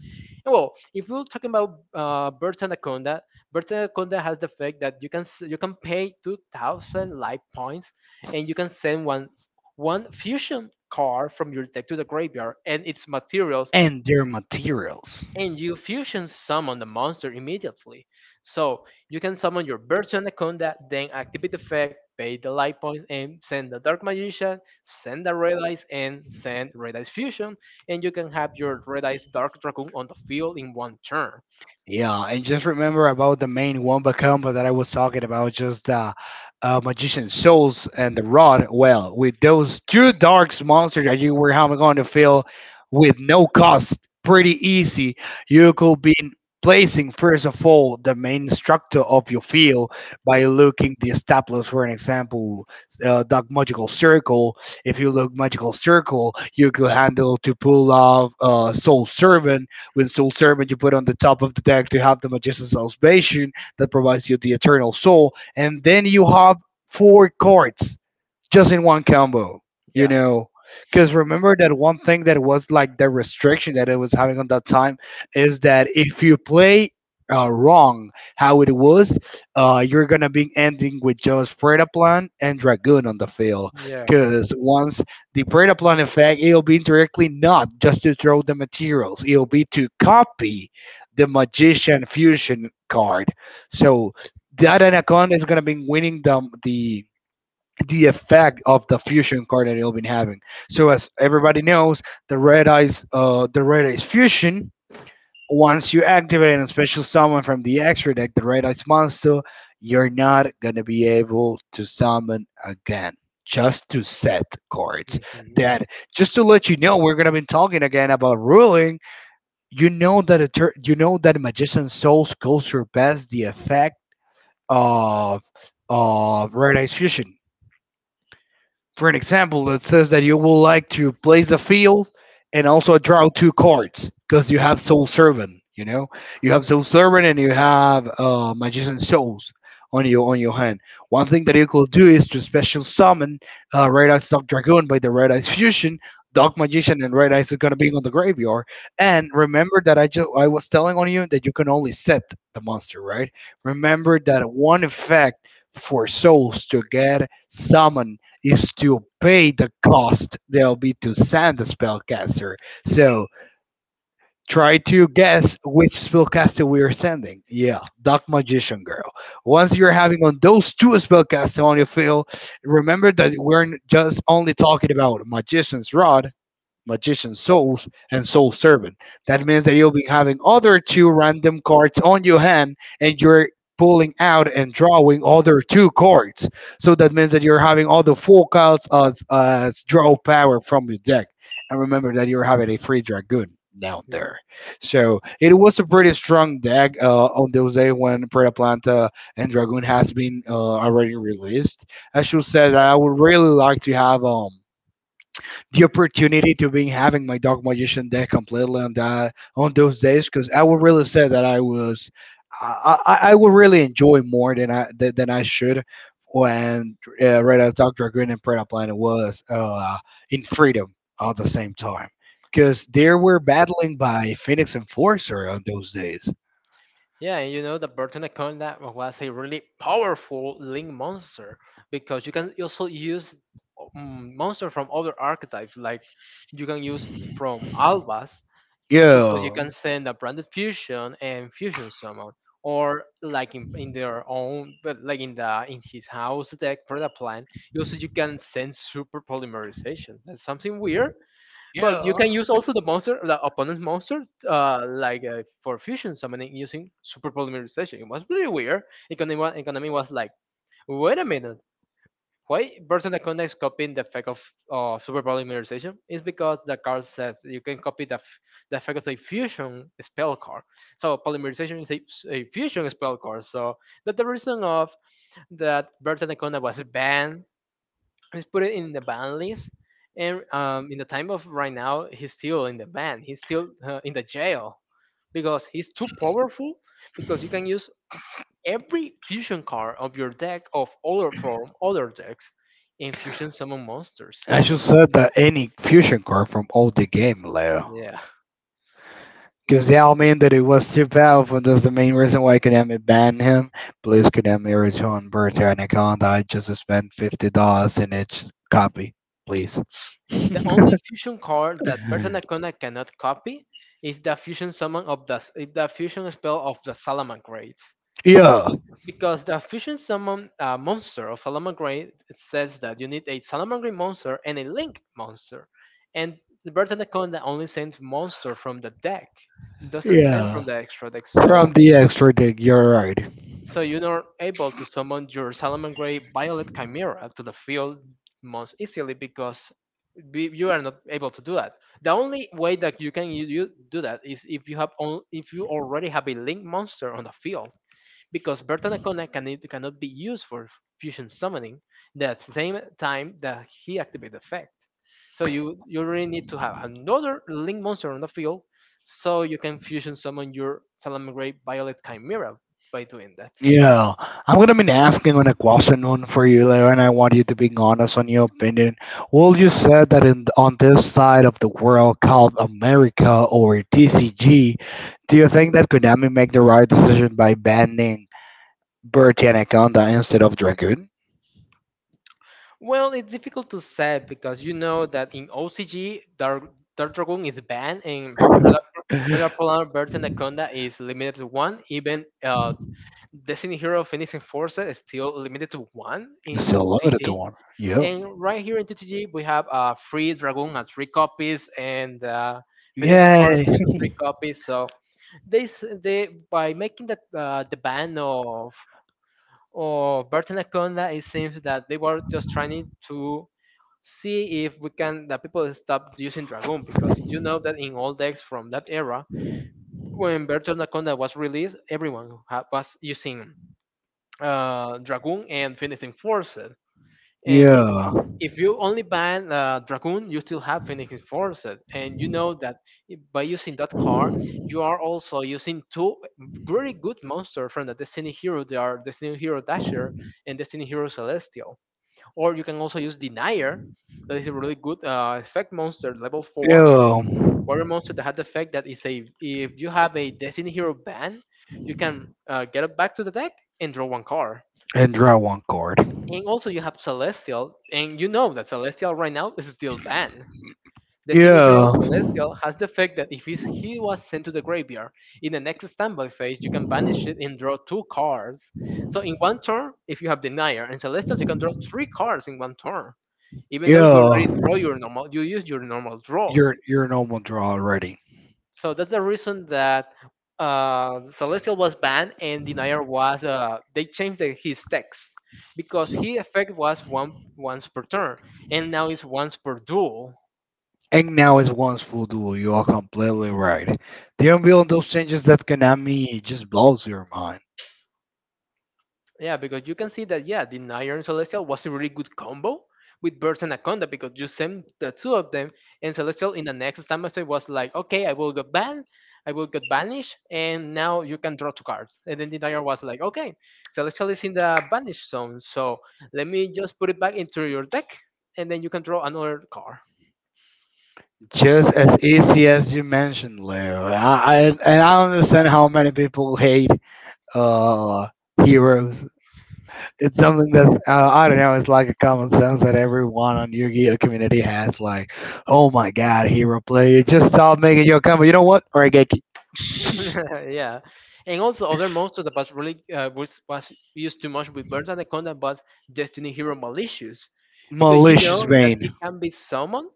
Speaker 1: Well, if we're talking about Bird Anaconda, Bird Anaconda has the fact that you can you can pay 2,000 life points, and you can send one fusion card from your deck to the graveyard and its materials,
Speaker 2: And their materials.
Speaker 1: and you fusion summon the monster immediately. So you can summon your Bird Anaconda, then activate the effect, pay the life points, and send the Dark Magician, send the Red Eyes, and send Red Eyes Fusion, and you can have your Red Eyes Dark Dragoon on the field in one turn.
Speaker 2: Yeah, and just remember about the main Wumba combo that I was talking about, just the Magician Souls and the Rod. Well, with those two Darks monsters that you were having going to feel with no cost, pretty easy, you could be placing, first of all, the main structure of your field by looking the established, for an example, Dark Magical Circle. If you look Magical Circle, you could handle to pull off Soul Servant with Soul Servant, you put on the top of the deck to have the Magician's Salvation that provides you the Eternal Soul, and then you have four cards just in one combo, you
Speaker 1: Yeah.
Speaker 2: know. Because remember that one thing that was like the restriction that it was having on that time is that if you play wrong how it was, you're gonna be ending with just Predaplan and Dragoon on the field.
Speaker 1: Yeah.
Speaker 2: Because once the Predaplan effect, it'll be directly not just to throw the materials, it'll be to copy the Magician Fusion card. So that Anaconda is gonna be winning the effect of the fusion card that it'll been having. So as everybody knows, the red eyes fusion. Once you activate a special summon from the extra deck, the red eyes monster, you're not gonna be able to summon again. Just to set cards.
Speaker 1: Mhm.
Speaker 2: That just to let you know, we're gonna be talking again about ruling. You know that a you know that magician souls goes surpass the effect of of red eyes fusion for an example, that says that you would like to place a field and also draw two cards because you have Soul Servant. You know, you have Soul Servant and you have Magician Souls on your hand. One thing that you could do is to special summon Red Eyes Dark Dragoon by the Red Eyes Fusion. Dark Magician and Red Eyes are gonna be on the graveyard. And remember that I was telling on you that you can only set the monster, right? Remember that one effect for souls to get summoned is to pay the cost there'll be to send the spellcaster. So try to guess which spellcaster we are sending. Yeah, Dark Magician Girl. Once you're having on those two spellcasters on your field, remember that we're just only talking about Magician's Rod, Magician Souls, and Soul Servant. That means that you'll be having other two random cards on your hand and you're pulling out and drawing other two cards. So that means that you're having all the four cards as draw power from your deck. And remember that you're having a free Dragoon down there. So it was a pretty strong deck on those days when Preta Planta and Dragoon has been already released. I should say that I would really like to have the opportunity to being having my dark magician deck completely on that on those days because I would really say that I was I would really enjoy more than I than I should when Red Eyes Doctor Green and Preda Planet was in freedom at the same time because they were battling by Phoenix Enforcer on those days.
Speaker 1: Yeah, and you know the Bertanaconda was a really powerful link monster because you can also use monster from other archetypes, like you can use from Albas because you
Speaker 2: Yeah,
Speaker 1: can send a branded fusion and fusion summon, or like in their own, but like in the in his house deck product plan, you also you can send super polymerization. That's something weird. But you
Speaker 2: yeah.
Speaker 1: can use also the monster, the opponent's monster, for fusion summoning using super polymerization. It was really weird. Economy, economy was like, wait a minute, why Bertrand Anaconda is copying the effect of super polymerization? It's because the card says you can copy the effect of a fusion spell card. So polymerization is a fusion spell card. So that's the reason of that Bertrand Anaconda was banned. Let's put it in the ban list. And in the time of right now, he's still in the ban. He's still in the jail because he's too powerful. Because you can use every fusion card of your deck of other from other decks in fusion summon monsters.
Speaker 2: I
Speaker 1: But,
Speaker 2: should set the any fusion card from all the game, Leo.
Speaker 1: yeah,
Speaker 2: Because that'll mean that it was too powerful. And that's the main reason why Konami banned him. Please, Konami, return Bertrand account. I just spent $50 in each copy, please.
Speaker 1: the
Speaker 2: Yeah,
Speaker 1: only fusion card that Bertanacona cannot copy is the fusion summon of the fusion spell of the Salaman grades. Because the fusion summon monster of Salamangreat says that you need a Salamangreat monster and a Link monster. And the Bird Anaconda only sends monster from the deck, doesn't send
Speaker 2: yeah.
Speaker 1: from the extra deck. So
Speaker 2: From the extra dig, you're right.
Speaker 1: so you're not able to summon your Salamangreat Violet Chimera to the field most easily because you are not able to do that. The only way that you can do that is if you have on, if you already have a Link monster on the field because Bertan cannot be used for fusion summoning that same time that he activates the effect. So you really need to have another link monster on the field so you can fusion summon your Salamangreat Violet Chimera by doing that.
Speaker 2: Yeah, I'm gonna be asking on a question on for you, Leo, and I want you to be honest on your opinion. Will you say that in on this side of the world called America or TCG, do you think that Konami make the right decision by banning Bertie Anaconda instead of Dragoon?
Speaker 1: Well, it's difficult to say because you know that in OCG, Dark Dragon is banned and Predator Polar Birds Anaconda is limited to one. Even Destiny Hero Phoenix Enforcer is still limited to one in
Speaker 2: Still love it, the
Speaker 1: OCG.
Speaker 2: one. Yeah.
Speaker 1: And right here in TTG, we have a free Dragoon at three copies and Phoenixing Fortune
Speaker 2: Yay.
Speaker 1: to three copies. So this they by making that the ban of Burton Anaconda, it seems that they were just trying to see if we can that people stop using Dragoon because you know that in all decks from that era, when Burton Anaconda was released, everyone was using Dragoon and Phoenixing Force. And
Speaker 2: Yeah.
Speaker 1: if you only ban Dragoon, you still have Phoenix Forces, and you know that by using that card, you are also using two very good monsters from the Destiny Hero. They are Destiny Hero Dasher and Destiny Hero Celestial. Or you can also use Denier, that is a really good effect monster, level four.
Speaker 2: Yeah.
Speaker 1: Warrior monster that has the effect that is a if you have a Destiny Hero ban, you can get it back to the deck and draw one card.
Speaker 2: And draw one card.
Speaker 1: And also you have Celestial, and you know that Celestial right now is still banned. Destiny Hero
Speaker 2: Yeah.
Speaker 1: Celestial has the fact that if he was sent to the graveyard, in the next standby phase, you can banish it and draw two cards. So in one turn, if you have Denier and Celestial, you can draw three cards in one turn. Even though you
Speaker 2: Yeah,
Speaker 1: already draw your normal, you use your normal draw.
Speaker 2: you're a normal draw already.
Speaker 1: So that's the reason that Celestial was banned and Denier was they changed his text because his effect was one once per turn and now it's once per duel.
Speaker 2: And now is one's full duel. You are completely right. The unveiling those changes that Konami just blows your mind.
Speaker 1: Yeah, because you can see that yeah, the Iron Celestial was a really good combo with Burst and Anaconda because you sent the two of them and Celestial in the next stamina was like, okay, I will get banned, I will get banished, and now you can draw two cards. And then the Iron was like, okay, Celestial is in the banish zone, so let me just put it back into your deck, and then you can draw another card.
Speaker 2: Just as easy as you mentioned, Leo. I and I understand how many people hate uh heroes. It's something that's I don't know. It's like a common sense that everyone on Yu-Gi-Oh community has. Like, oh my god, hero player, just stop making your combo. You know what? Or Origeki.
Speaker 1: yeah, and also other monster that was really was used too much with Birds Anaconda was Destiny Hero Malicious, because you
Speaker 2: Malicious
Speaker 1: know that he
Speaker 2: Bane.
Speaker 1: can be summoned.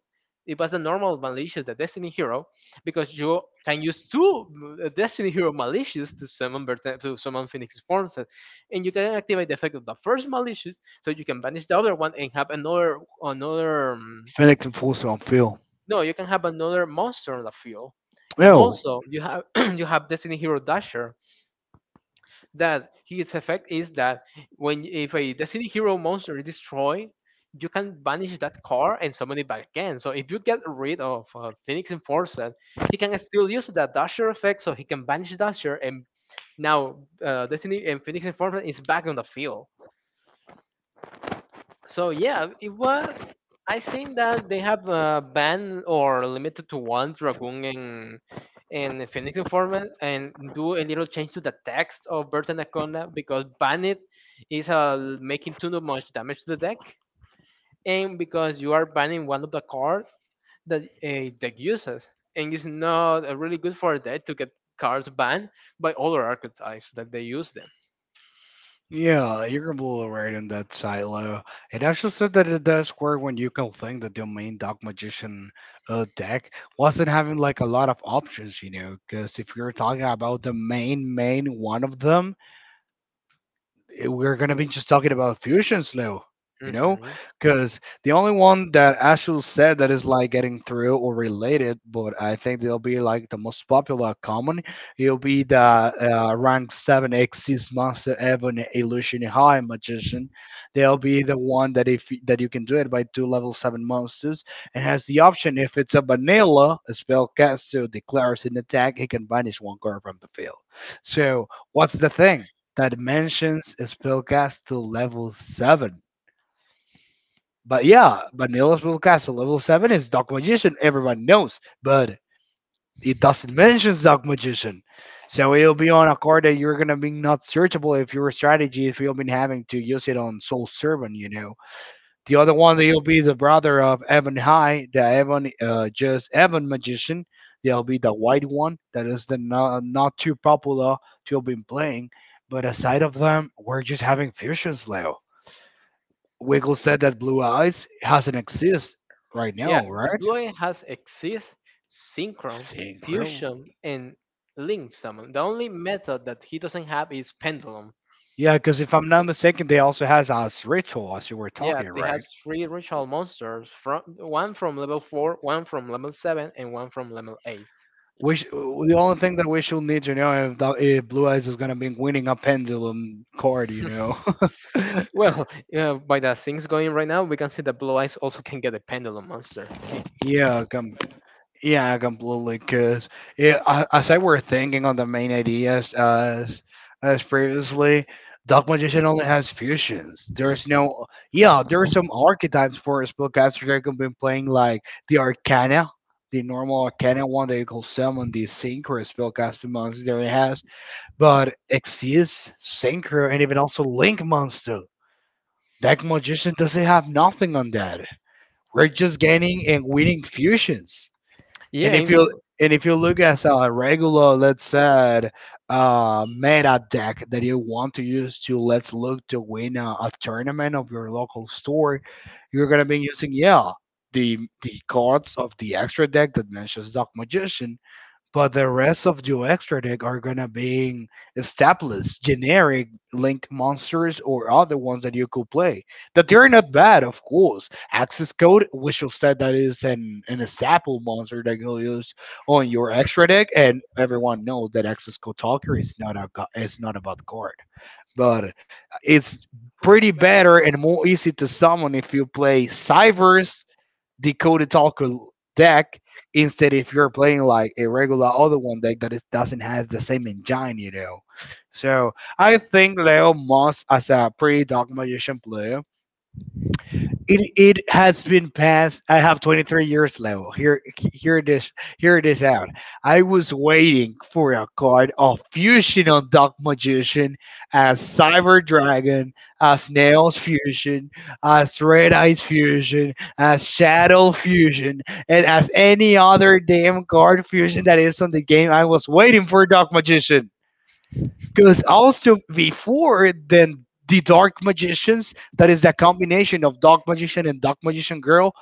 Speaker 1: It was a normal Malicious, the Destiny Hero, because you can use two Destiny Hero Malicious to summon Berta- to summon Phoenix Forms, and you can activate the effect of the first Malicious, so you can banish the other one and have another.
Speaker 2: Fennec and Enforcer on Phil.
Speaker 1: No, you can have another monster on the field. And
Speaker 2: Oh.
Speaker 1: also, you have you have Destiny Hero Dasher. That his effect is that when if a Destiny Hero monster is destroyed, you can banish that card and summon it back again. So if you get rid of Phoenix Enforcer, he can still use that Dasher effect, so he can banish Dasher, and now Destiny and Phoenix Enforcer is back on the field. So yeah, it was. I think that they have banned or limited to one dragoon in Phoenix Informant and do a little change to the text of Bird Anaconda because banned is making too much damage to the deck, and because you are banning one of the cards that a deck uses, and it's not really good for a deck to get cards banned by other archetypes that they use them.
Speaker 2: Yeah, you can blow a rating that silo. It actually said that it does work when you can think that your main Dark Magician deck wasn't having like a lot of options, you know. Because if you're talking about the main one of them, we're gonna be just talking about fusions now, you know,
Speaker 1: Hmm.
Speaker 2: because the only one that Ashul said that is like getting through or related, but I think they'll be like the most popular common. It'll be the rank seven Xyz monster Ebon Illusion High Magician. They'll be the one that if y- that you can do it by two level seven monsters and has the option if it's a vanilla a spellcaster declares an attack, he can banish one card from the field. So what's the thing that mentions spellcast to level 7? But yeah, vanilla spellcast to level 7 is Dark Magician, everyone knows, but it doesn't mention Dark Magician. So it'll be on a card that you're gonna be not searchable if your strategy if you've been having to use it on Soul Servant, you know. The other one, he'll be the brother of Evan High, the Evan, just Evan Magician. There'll be the white one that is the not too popular to have been playing. But aside of them, we're just having fusions, Leo. Wiggle said that Blue Eyes hasn't exist right
Speaker 1: Yeah,
Speaker 2: now, right?
Speaker 1: Blue Eye has Exist, Synchron,
Speaker 2: Synchro.
Speaker 1: Fusion, and Link Summon. The only method that he doesn't have is Pendulum.
Speaker 2: Yeah, because if I'm not mistaken, they also has a ritual as you were
Speaker 1: Yeah,
Speaker 2: talking,
Speaker 1: they have
Speaker 2: right?
Speaker 1: three ritual monsters from one from level four, one from level seven, and one from level eight.
Speaker 2: The only thing that we should need to know if, the, if Blue Eyes is gonna be winning a pendulum card, you know.
Speaker 1: Well, by the things going right now, we can see that Blue Eyes also can get a Pendulum monster.
Speaker 2: Yeah, come, yeah, completely. Cause yeah, as I were thinking on the main ideas as previously, Dark Magician only has fusions. There's no, yeah, there's some archetypes for a spellcaster that can be playing like the Arcana. The normal Arcana one that you call summon the Synchro spellcasting monster that it has, but Exeus, Synchro, and even also Link Monster. Deck Magician doesn't have nothing on that. We're just gaining and winning fusions. And
Speaker 1: Yeah,
Speaker 2: if you
Speaker 1: and
Speaker 2: and if you look at a regular, let's say, meta deck that you want to use to let's look to win a tournament of your local store, you're gonna be using, yeah, the the cards of the extra deck that mentions Dark Magician, but the rest of the extra deck are gonna being established generic link monsters or other ones that you could play that they're not bad, of course access code, which will said that is an staple monster that you'll use on your extra deck, and everyone knows that access code talker is not a gu- is not about card, but it's pretty better and more easy to summon if you play Cyvers Decoded Talker deck, instead if you're playing like a regular other one deck that is, doesn't has the same engine, you know. So I think Leo Moss as a pretty dark magician player, it has been passed. I have 23 years level. Here here it is. Here it is out. I was waiting for a card of fusion on Dark Magician, as Cyber Dragon, as Nails Fusion, as Red Eyes Fusion, as Shadow Fusion, and as any other damn card fusion that is on the game. I was waiting for Dark Magician. Because also before then the dark magicians, that is that combination of dark magician and dark magician girl,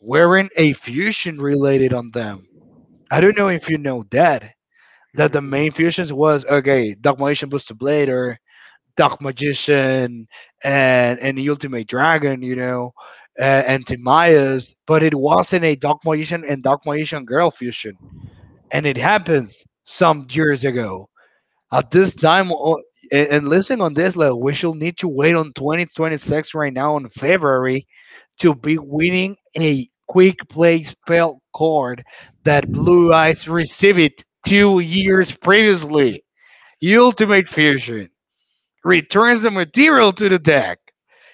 Speaker 2: wearing a fusion related on them. I don't know if you know that. That the
Speaker 1: mhm.
Speaker 2: main fusions was okay, Dark Magician Booster Blade or Dark Magician and the Ultimate Dragon, you know, and Timaeus, but it wasn't a Dark Magician and Dark Magician Girl fusion, and it happens some years ago. At this time, and listening on this, like we should need to wait on 2026 right now in February to be winning a quick play spell card that Blue Eyes received 2 years previously. Ultimate Fusion returns the material to the deck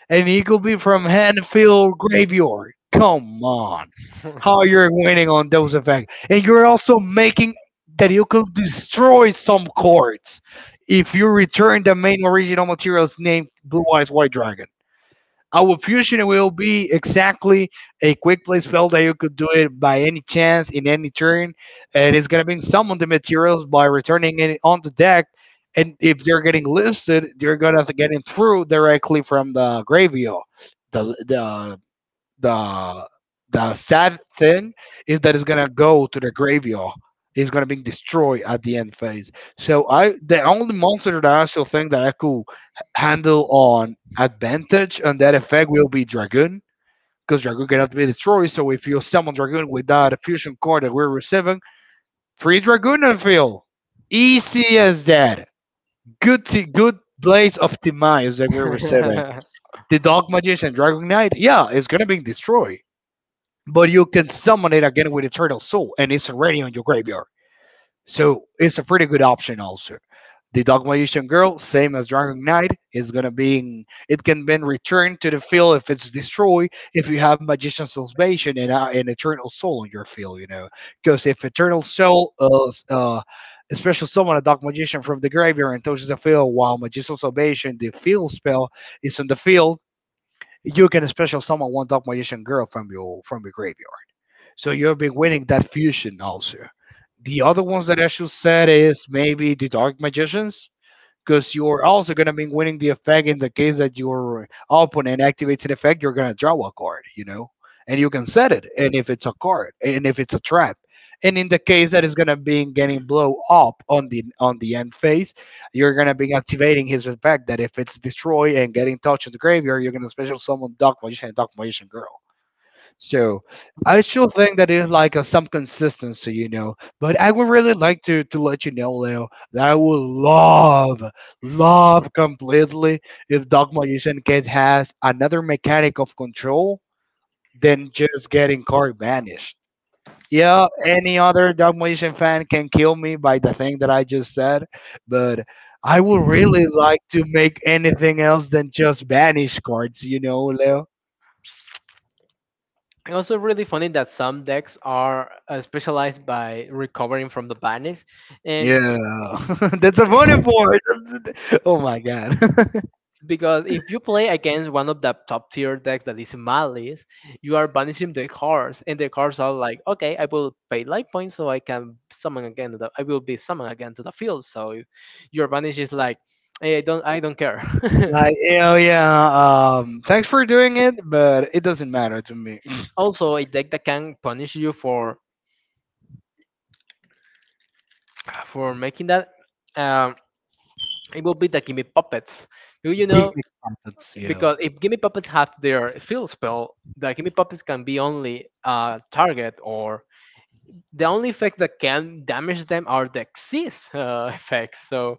Speaker 2: and he could be from Hanfield Graveyard. Come on. How you're winning on those effects. And you're also making that you could destroy some cards if you return the main original material's name, Blue Eyes White Dragon. Our fusion will be exactly a quick play spell that you could do it by any chance in any turn, and it's gonna bring some of the materials by returning it on the deck. And if they're getting listed, they're gonna get it through directly from the graveyard, the the the the sad thing is that it's gonna go to the graveyard. It's gonna be destroyed at the end phase. So I the only monster that I still think that I could handle on advantage on that effect will be Dragoon. Because Dragoon cannot be destroyed, so if you summon Dragoon with that fusion core that we're receiving, free Dragoon and field. Easy as that. Good good blaze of demise that we're receiving. The Dark Magician Dragon Knight, yeah, it's gonna be destroyed, but you can summon it again with Eternal Soul, and it's already on your graveyard. So it's a pretty good option also. The Dark Magician Girl, same as Dragon Knight, is gonna be in, it can be returned to the field if it's destroyed. If you have Magician Salvation and an Eternal Soul on your field, you know, because if Eternal Soul special summon a Dark Magician from the graveyard and touches the field while Magician Salvation, the field spell, is on the field, you can special summon one Dark Magician Girl from your graveyard, so you'll be winning that fusion also. The other ones that I should set is maybe the Dark Magicians, because you're also gonna be winning the effect in the case that your opponent activates an effect, you're gonna draw a card, you know, and you can set it, and if it's a card, and if it's a trap, and in the case that is gonna be getting blow up on the end phase, you're gonna be activating his effect that if it's destroy and getting touched in the graveyard, you're gonna special summon Dark Magician and Dark Magician Girl. So I still think that is like some consistency, you know. But I would really like to let you know, Leo, that I would love, love completely, if Dog Magician Kid has another mechanic of control than just getting car banished. Yeah, any other Dog Magician fan can kill me by the thing that I just said, but I would really like to make anything else than just banish cards, you know, Leo.
Speaker 1: And also really funny that some decks are specialized by recovering from the banish, and
Speaker 2: Yeah, that's a funny board. Oh my god!
Speaker 1: because if you play against one of the top tier decks that is in my list, you are banishing the cards, and the cards are like, okay, I will pay life points so I can summon again. To I will be summoned again to the field. So if your banish is like, "Eh, I don't care."
Speaker 2: Like, hell, yeah. Thanks for doing it, but it doesn't matter to me.
Speaker 1: Also, a deck that can punish you for making that, um, it will be the Gimme Puppets. Do you
Speaker 2: Give
Speaker 1: know,
Speaker 2: me comeuppance, yeah.
Speaker 1: because if Gimme Puppets have their field spell, the Gimme Puppets can be only a target, or the only effects that can damage them are the Xyz effects. So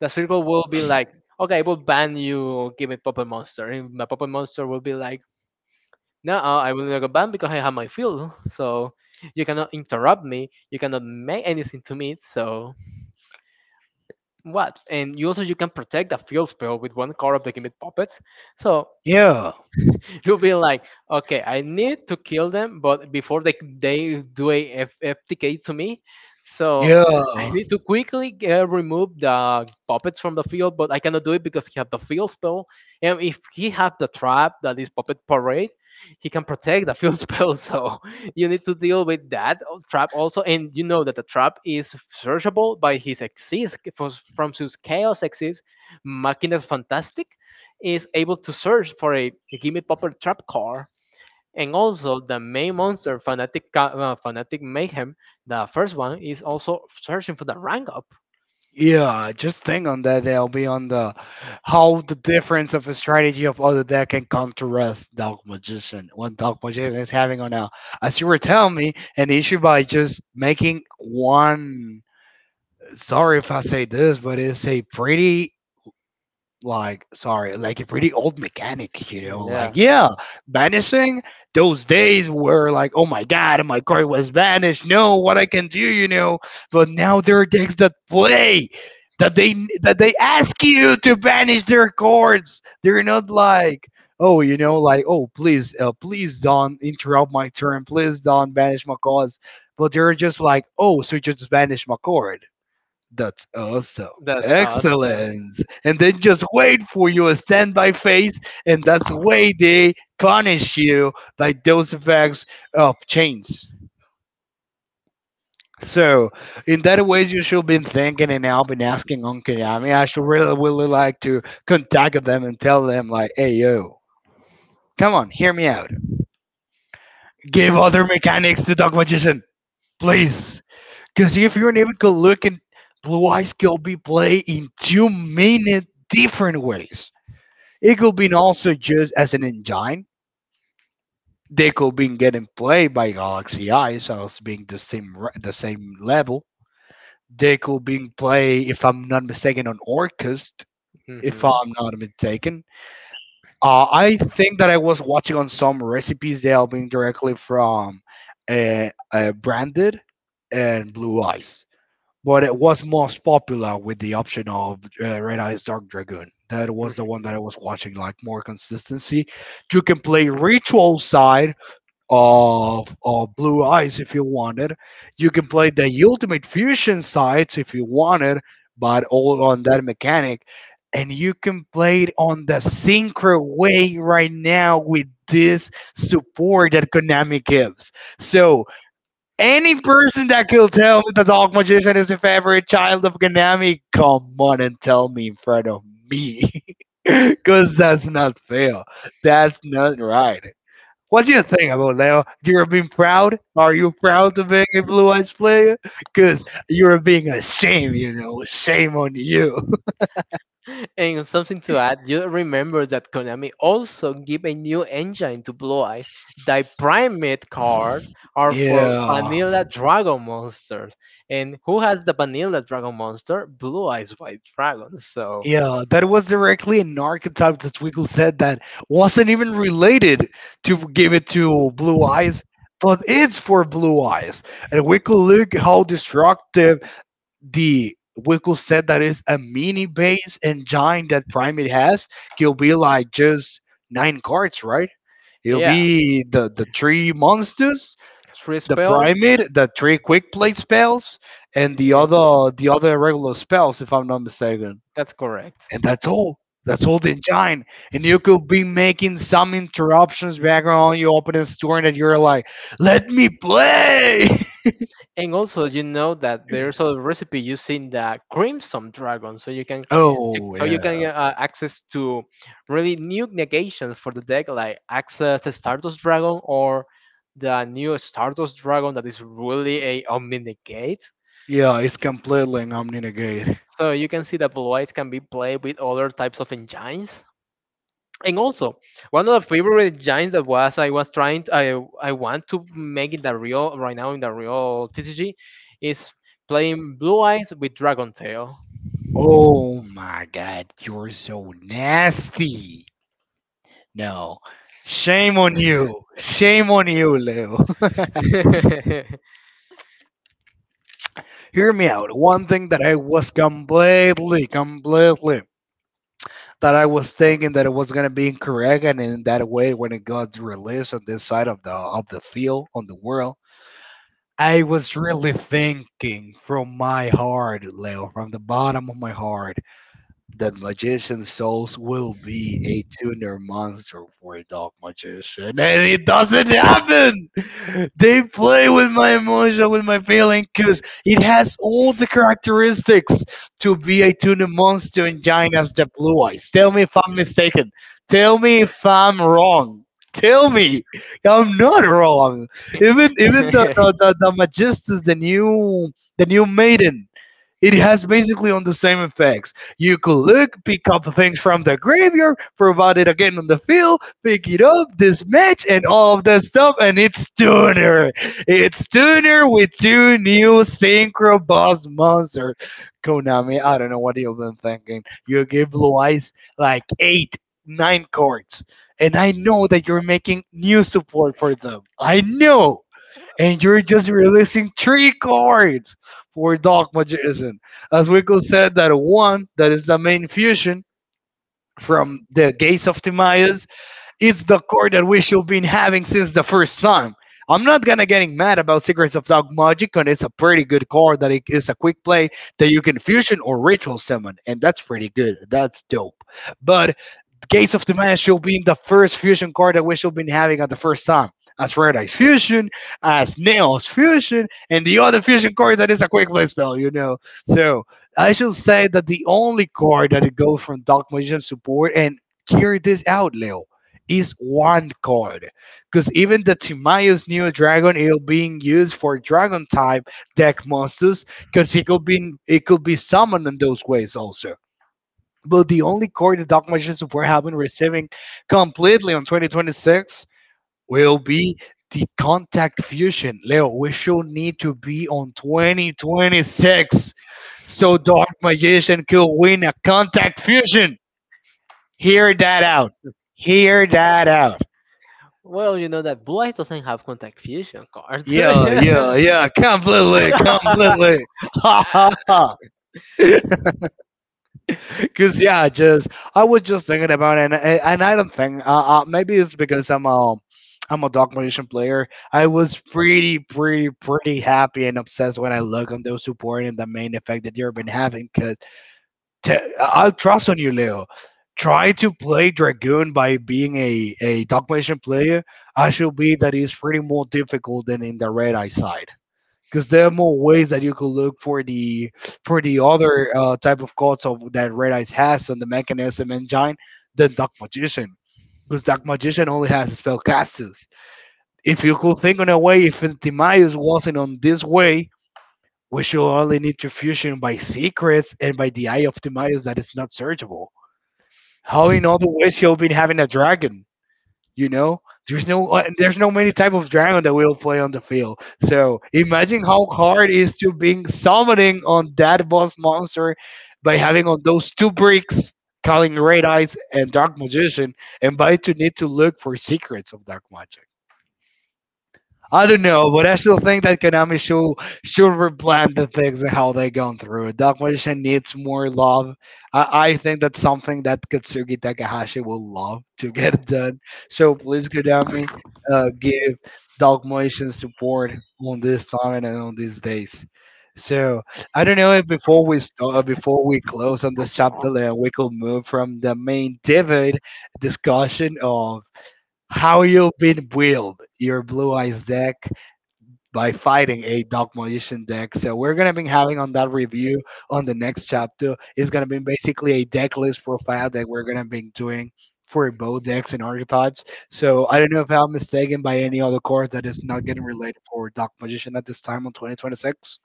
Speaker 1: the circle will be like, okay, I will ban you, give me Puppet Monster. And my Puppet Monster will be like, no, I will not go ban because I have my field. So you cannot interrupt me. You cannot make anything to me. So what? And you also you can protect the field spell with one card of the Gimmick Puppets. So
Speaker 2: Yeah,
Speaker 1: you'll be like, okay, I need to kill them, but before they do a FTK to me, so
Speaker 2: yeah,
Speaker 1: I need to quickly remove the puppets from the field. But I cannot do it because he had the field spell, and if he had the trap that is puppet parade, he can protect the field spell. So you need to deal with that trap also, and you know that the trap is searchable by his exis from his chaos exis, Máquinas Fantastic is able to search for a Gimme Popper trap card. And also the main monster, Fanatic Mayhem, the first one is also searching for the rank up.
Speaker 2: yeah. Just think on that. I will be on the how the difference of a strategy of other deck can contrast Dark Magician. What Dark Magician is having on a, as you were telling me, an issue by just making one, sorry if I say this, but it's a pretty, like, sorry, like a pretty old mechanic, you know. Like
Speaker 1: Yeah,
Speaker 2: yeah, banishing, those days were like, oh my god, my car was banished. No, what I can do, you know. But now there are decks that play that they that they ask you to banish their cards. They're not like. Oh, you know, like oh, please, please don't interrupt my turn. Please don't banish my cards. But they're just like, oh, so you just banish my card, that's awesome.
Speaker 1: that's us.
Speaker 2: Excellent. And then just wait for your standby phase, and that's the way they punish you by those effects of chains. So, in that ways, you should been thinking, and I've been asking on Konami. I should really, really like to contact them and tell them, like, hey, yo, come on, hear me out. Give other mechanics to Dark Magician, please. Because if you're an even good looking, Blue Eyes can be played in two-minute different ways. It could be also used as an engine. They could be getting played by Galaxy Eyes as being the same level. They could be played, if I'm not mistaken, on Orcus.
Speaker 1: Mhm,
Speaker 2: If I'm not mistaken, I think that I was watching on some recipes they are being directly from Branded and Blue Eyes. But it was most popular with the option of Red Eyes Dark Dragoon. That was
Speaker 1: mhm.
Speaker 2: the one that I was watching, like more consistency. You can play Ritual side of Blue Eyes if you wanted. You can play the Ultimate Fusion sides if you wanted, but all on that mechanic. And you can play it on the synchro way right now with this support that Konami gives. So any person that could tell me the dog Magician is a favorite child of Ganami, come on and tell me in front of me. Because that's not fair. That's not right. What do you think about Leo? You're being proud? Are you proud of being a Blue Eyes player? Because you're being ashamed, you know. Shame on you.
Speaker 1: And something to add, you remember that Konami also gave a new engine to Blue Eyes. The primate cards are for
Speaker 2: yeah.
Speaker 1: vanilla dragon monsters. And who has the vanilla dragon monster? Blue Eyes White Dragon. So,
Speaker 2: Yeah, that was directly an archetype that Twiggle said that wasn't even related to give it to Blue Eyes, but it's for Blue Eyes. And we could look how destructive the Wickle said that is a mini base and giant that Primate has. He'll be like just nine cards, right? He'll
Speaker 1: yeah,
Speaker 2: be the three monsters,
Speaker 1: three
Speaker 2: the
Speaker 1: spells.
Speaker 2: Primate, the three quick play spells, and the
Speaker 1: And
Speaker 2: other the other regular spells, if I'm not mistaken,
Speaker 1: that's correct.
Speaker 2: and that's all. That's all the engine. And you could be making some interruptions background. You open a store and you're like, let me play.
Speaker 1: And also, you know that there's a recipe using the crimson dragon, so you can so
Speaker 2: oh,
Speaker 1: so you can
Speaker 2: yeah.
Speaker 1: access to really new negations for the deck, like access the Stardust Dragon or the new Stardust Dragon that is really a omni negate.
Speaker 2: Yeah, it's completely omninegate.
Speaker 1: So you can see that blue eyes can be played with other types of engines. And also, one of the favorite engines that was I want to make in the real right now in the real TCG is playing blue eyes with dragon tail.
Speaker 2: Oh my god, you're so nasty. No. Shame on you. Shame on you, Leo. Hear me out. One thing that I was completely, completely that I was thinking that it was gonna be incorrect, and in that way, when it got released on this side of the field on the world, I was really thinking from my heart, Leo, from the bottom of my heart, the magician's souls will be a tuner monster for a dark magician, and it doesn't happen. They play with my emotion, with my feeling, because it has all the characteristics to be a tuner monster in Gina's the Blue Eyes. Tell me if I'm mistaken. Tell me if I'm wrong. Tell me I'm not wrong. Even the the the, the Magistus, the new maiden, it has basically on the same effects. You could look, pick up things from the graveyard, provide it again on the field, pick it up, dismatch, and all of that stuff, and it's Tuner. It's Tuner with two new Synchro Boss monsters. Konami, I don't know what you've been thinking. You give Blue Eyes like eight, nine cards, and I know that you're making new support for them. I know, and you're just releasing three cards for Dark Magician. As Wico said, that one that is the main fusion from the Gates of Timaeus is the card that we should been having since the first time. I'm not gonna getting mad about Secrets of Dark Magic, and it's a pretty good card that it is a quick play that you can fusion or ritual summon, and that's pretty good. That's dope. But Gates of Dimension being the first fusion card that we should be having at the first time. As Paradise Fusion, as Nails Fusion, and the other fusion card that is a quick play spell, you know. So I should say that the only card that it goes from Dark Magician support, and hear this out, Leo, is one card. Because even the Timaeus Neo Dragon, it'll being used for Dragon type deck monsters, because it could be summoned in those ways also. But the only core the Dark Magicians were having receiving completely on 2026 will be the Contact Fusion. Leo, we should need to be on 2026 so Dark Magician could win a Contact Fusion. Hear that out. Hear that out.
Speaker 1: Well, you know that Blue Eyes doesn't have contact fusion card.
Speaker 2: Yeah, yeah, yeah. Completely, completely. Ha ha ha. Cause yeah, just I was just thinking about it, and I don't think, maybe it's because I'm a Dark Magician player. I was pretty pretty pretty happy and obsessed when I look on those support and the main effect that you've been having. Cause I'll trust on you, Leo. Try to play Dragoon by being a Dark Magician player. I should be that is pretty more difficult than in the Red Eye side because there are more ways that you could look for the other type of cards of that Red Eyes has on the mechanism engine than Dark Magician. Because Dark Magician only has spellcasters. If you could think on a way, if Intimaeus wasn't on this way, we should only need to fusion by secrets and by the Eye of Timaeus that is not searchable. How in other ways you'll be having a dragon? You know, there's no many type of dragon that will play on the field. So imagine how hard it is to being summoning on that boss monster by having on those two bricks, calling Red Eyes and Dark Magician, and by to need to look for secrets of Dark Magic. I don't know, but I still think that Konami should replan the things and how they gone through. Documentation needs more love. I think that's something that Katsugi Takahashi will love to get it done. So please, Konami, give Documentation support on this time and on these days. So I don't know if before we start, before we close on this chapter, we could move from the main divot discussion of how you've been build your blue eyes deck by fighting a Dark Magician deck. So we're gonna be having on that review on the next chapter. It's gonna be basically a deck list profile that we're gonna be doing for both decks and archetypes. So I don't know if I'm mistaken by any other card that is not getting related for Dark Magician at this time on 2026.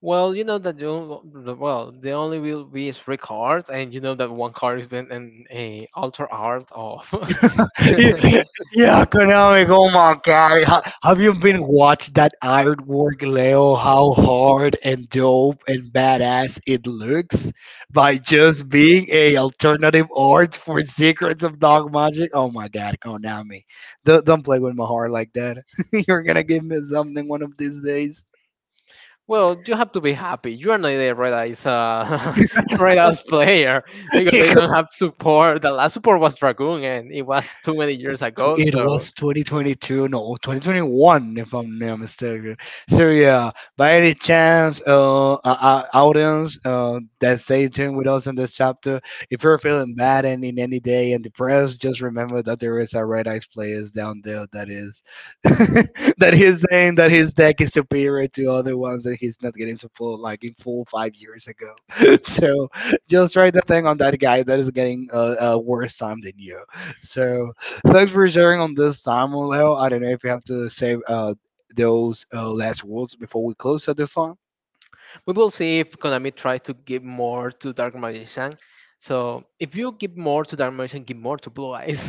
Speaker 1: Well, you know that the on- the- well the only will be is three cards, and you know that one card is been an a alter art of.
Speaker 2: Yeah, yeah, Konami. Oh my God, have you been watched that artwork, Leo? How hard and dope and badass it looks by just being a alternative art for Secrets of Dog Magic. Oh my God, Konami, don't play with my heart like that. You're gonna give me something one of these days.
Speaker 1: Well, you have to be happy. You are not a Red Eyes Red Eyes player because they don't have support. The last support was Dragoon, and it was too many years ago.
Speaker 2: It
Speaker 1: So.
Speaker 2: was 2022, no, 2021, if I'm not mistaken. So yeah, by any chance, audience, that stay tuned with us in this chapter. If you're feeling bad and in any day and depressed, just remember that there is a Red Eyes players down there that is that he's saying that his deck is superior to other ones that he's not getting support like in 4 or 5 years ago. so just write the thing on that guy that is getting a worse time than you. So thanks for sharing on this time, Leo. I don't know if you have to say those last words before we close at this time.
Speaker 1: We will see if Konami tries to give more to Dark Magician. So if you give more to Dark Magician, give more to Blue Eyes.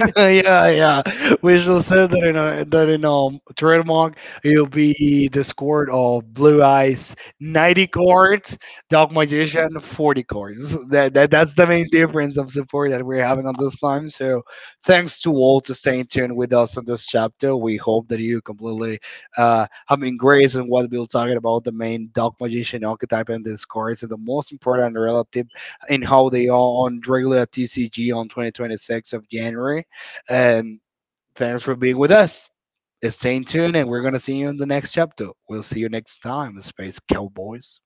Speaker 2: yeah, yeah. We shall say that in a that in trademark, it'll be the squad of Blue Eyes 90 cards, Dark Magician 40 cards. That's the main difference of support that we're having on this time. So thanks to all to staying tuned with us on this chapter. We hope that you completely having grace in what we're talking about the main Dark Magician archetype and these cards and the most important relative in how they are on regular TCG on 2026 of January. And thanks for being with us. Stay tuned, and we're going to see you in the next chapter. We'll see you next time, Space Cowboys.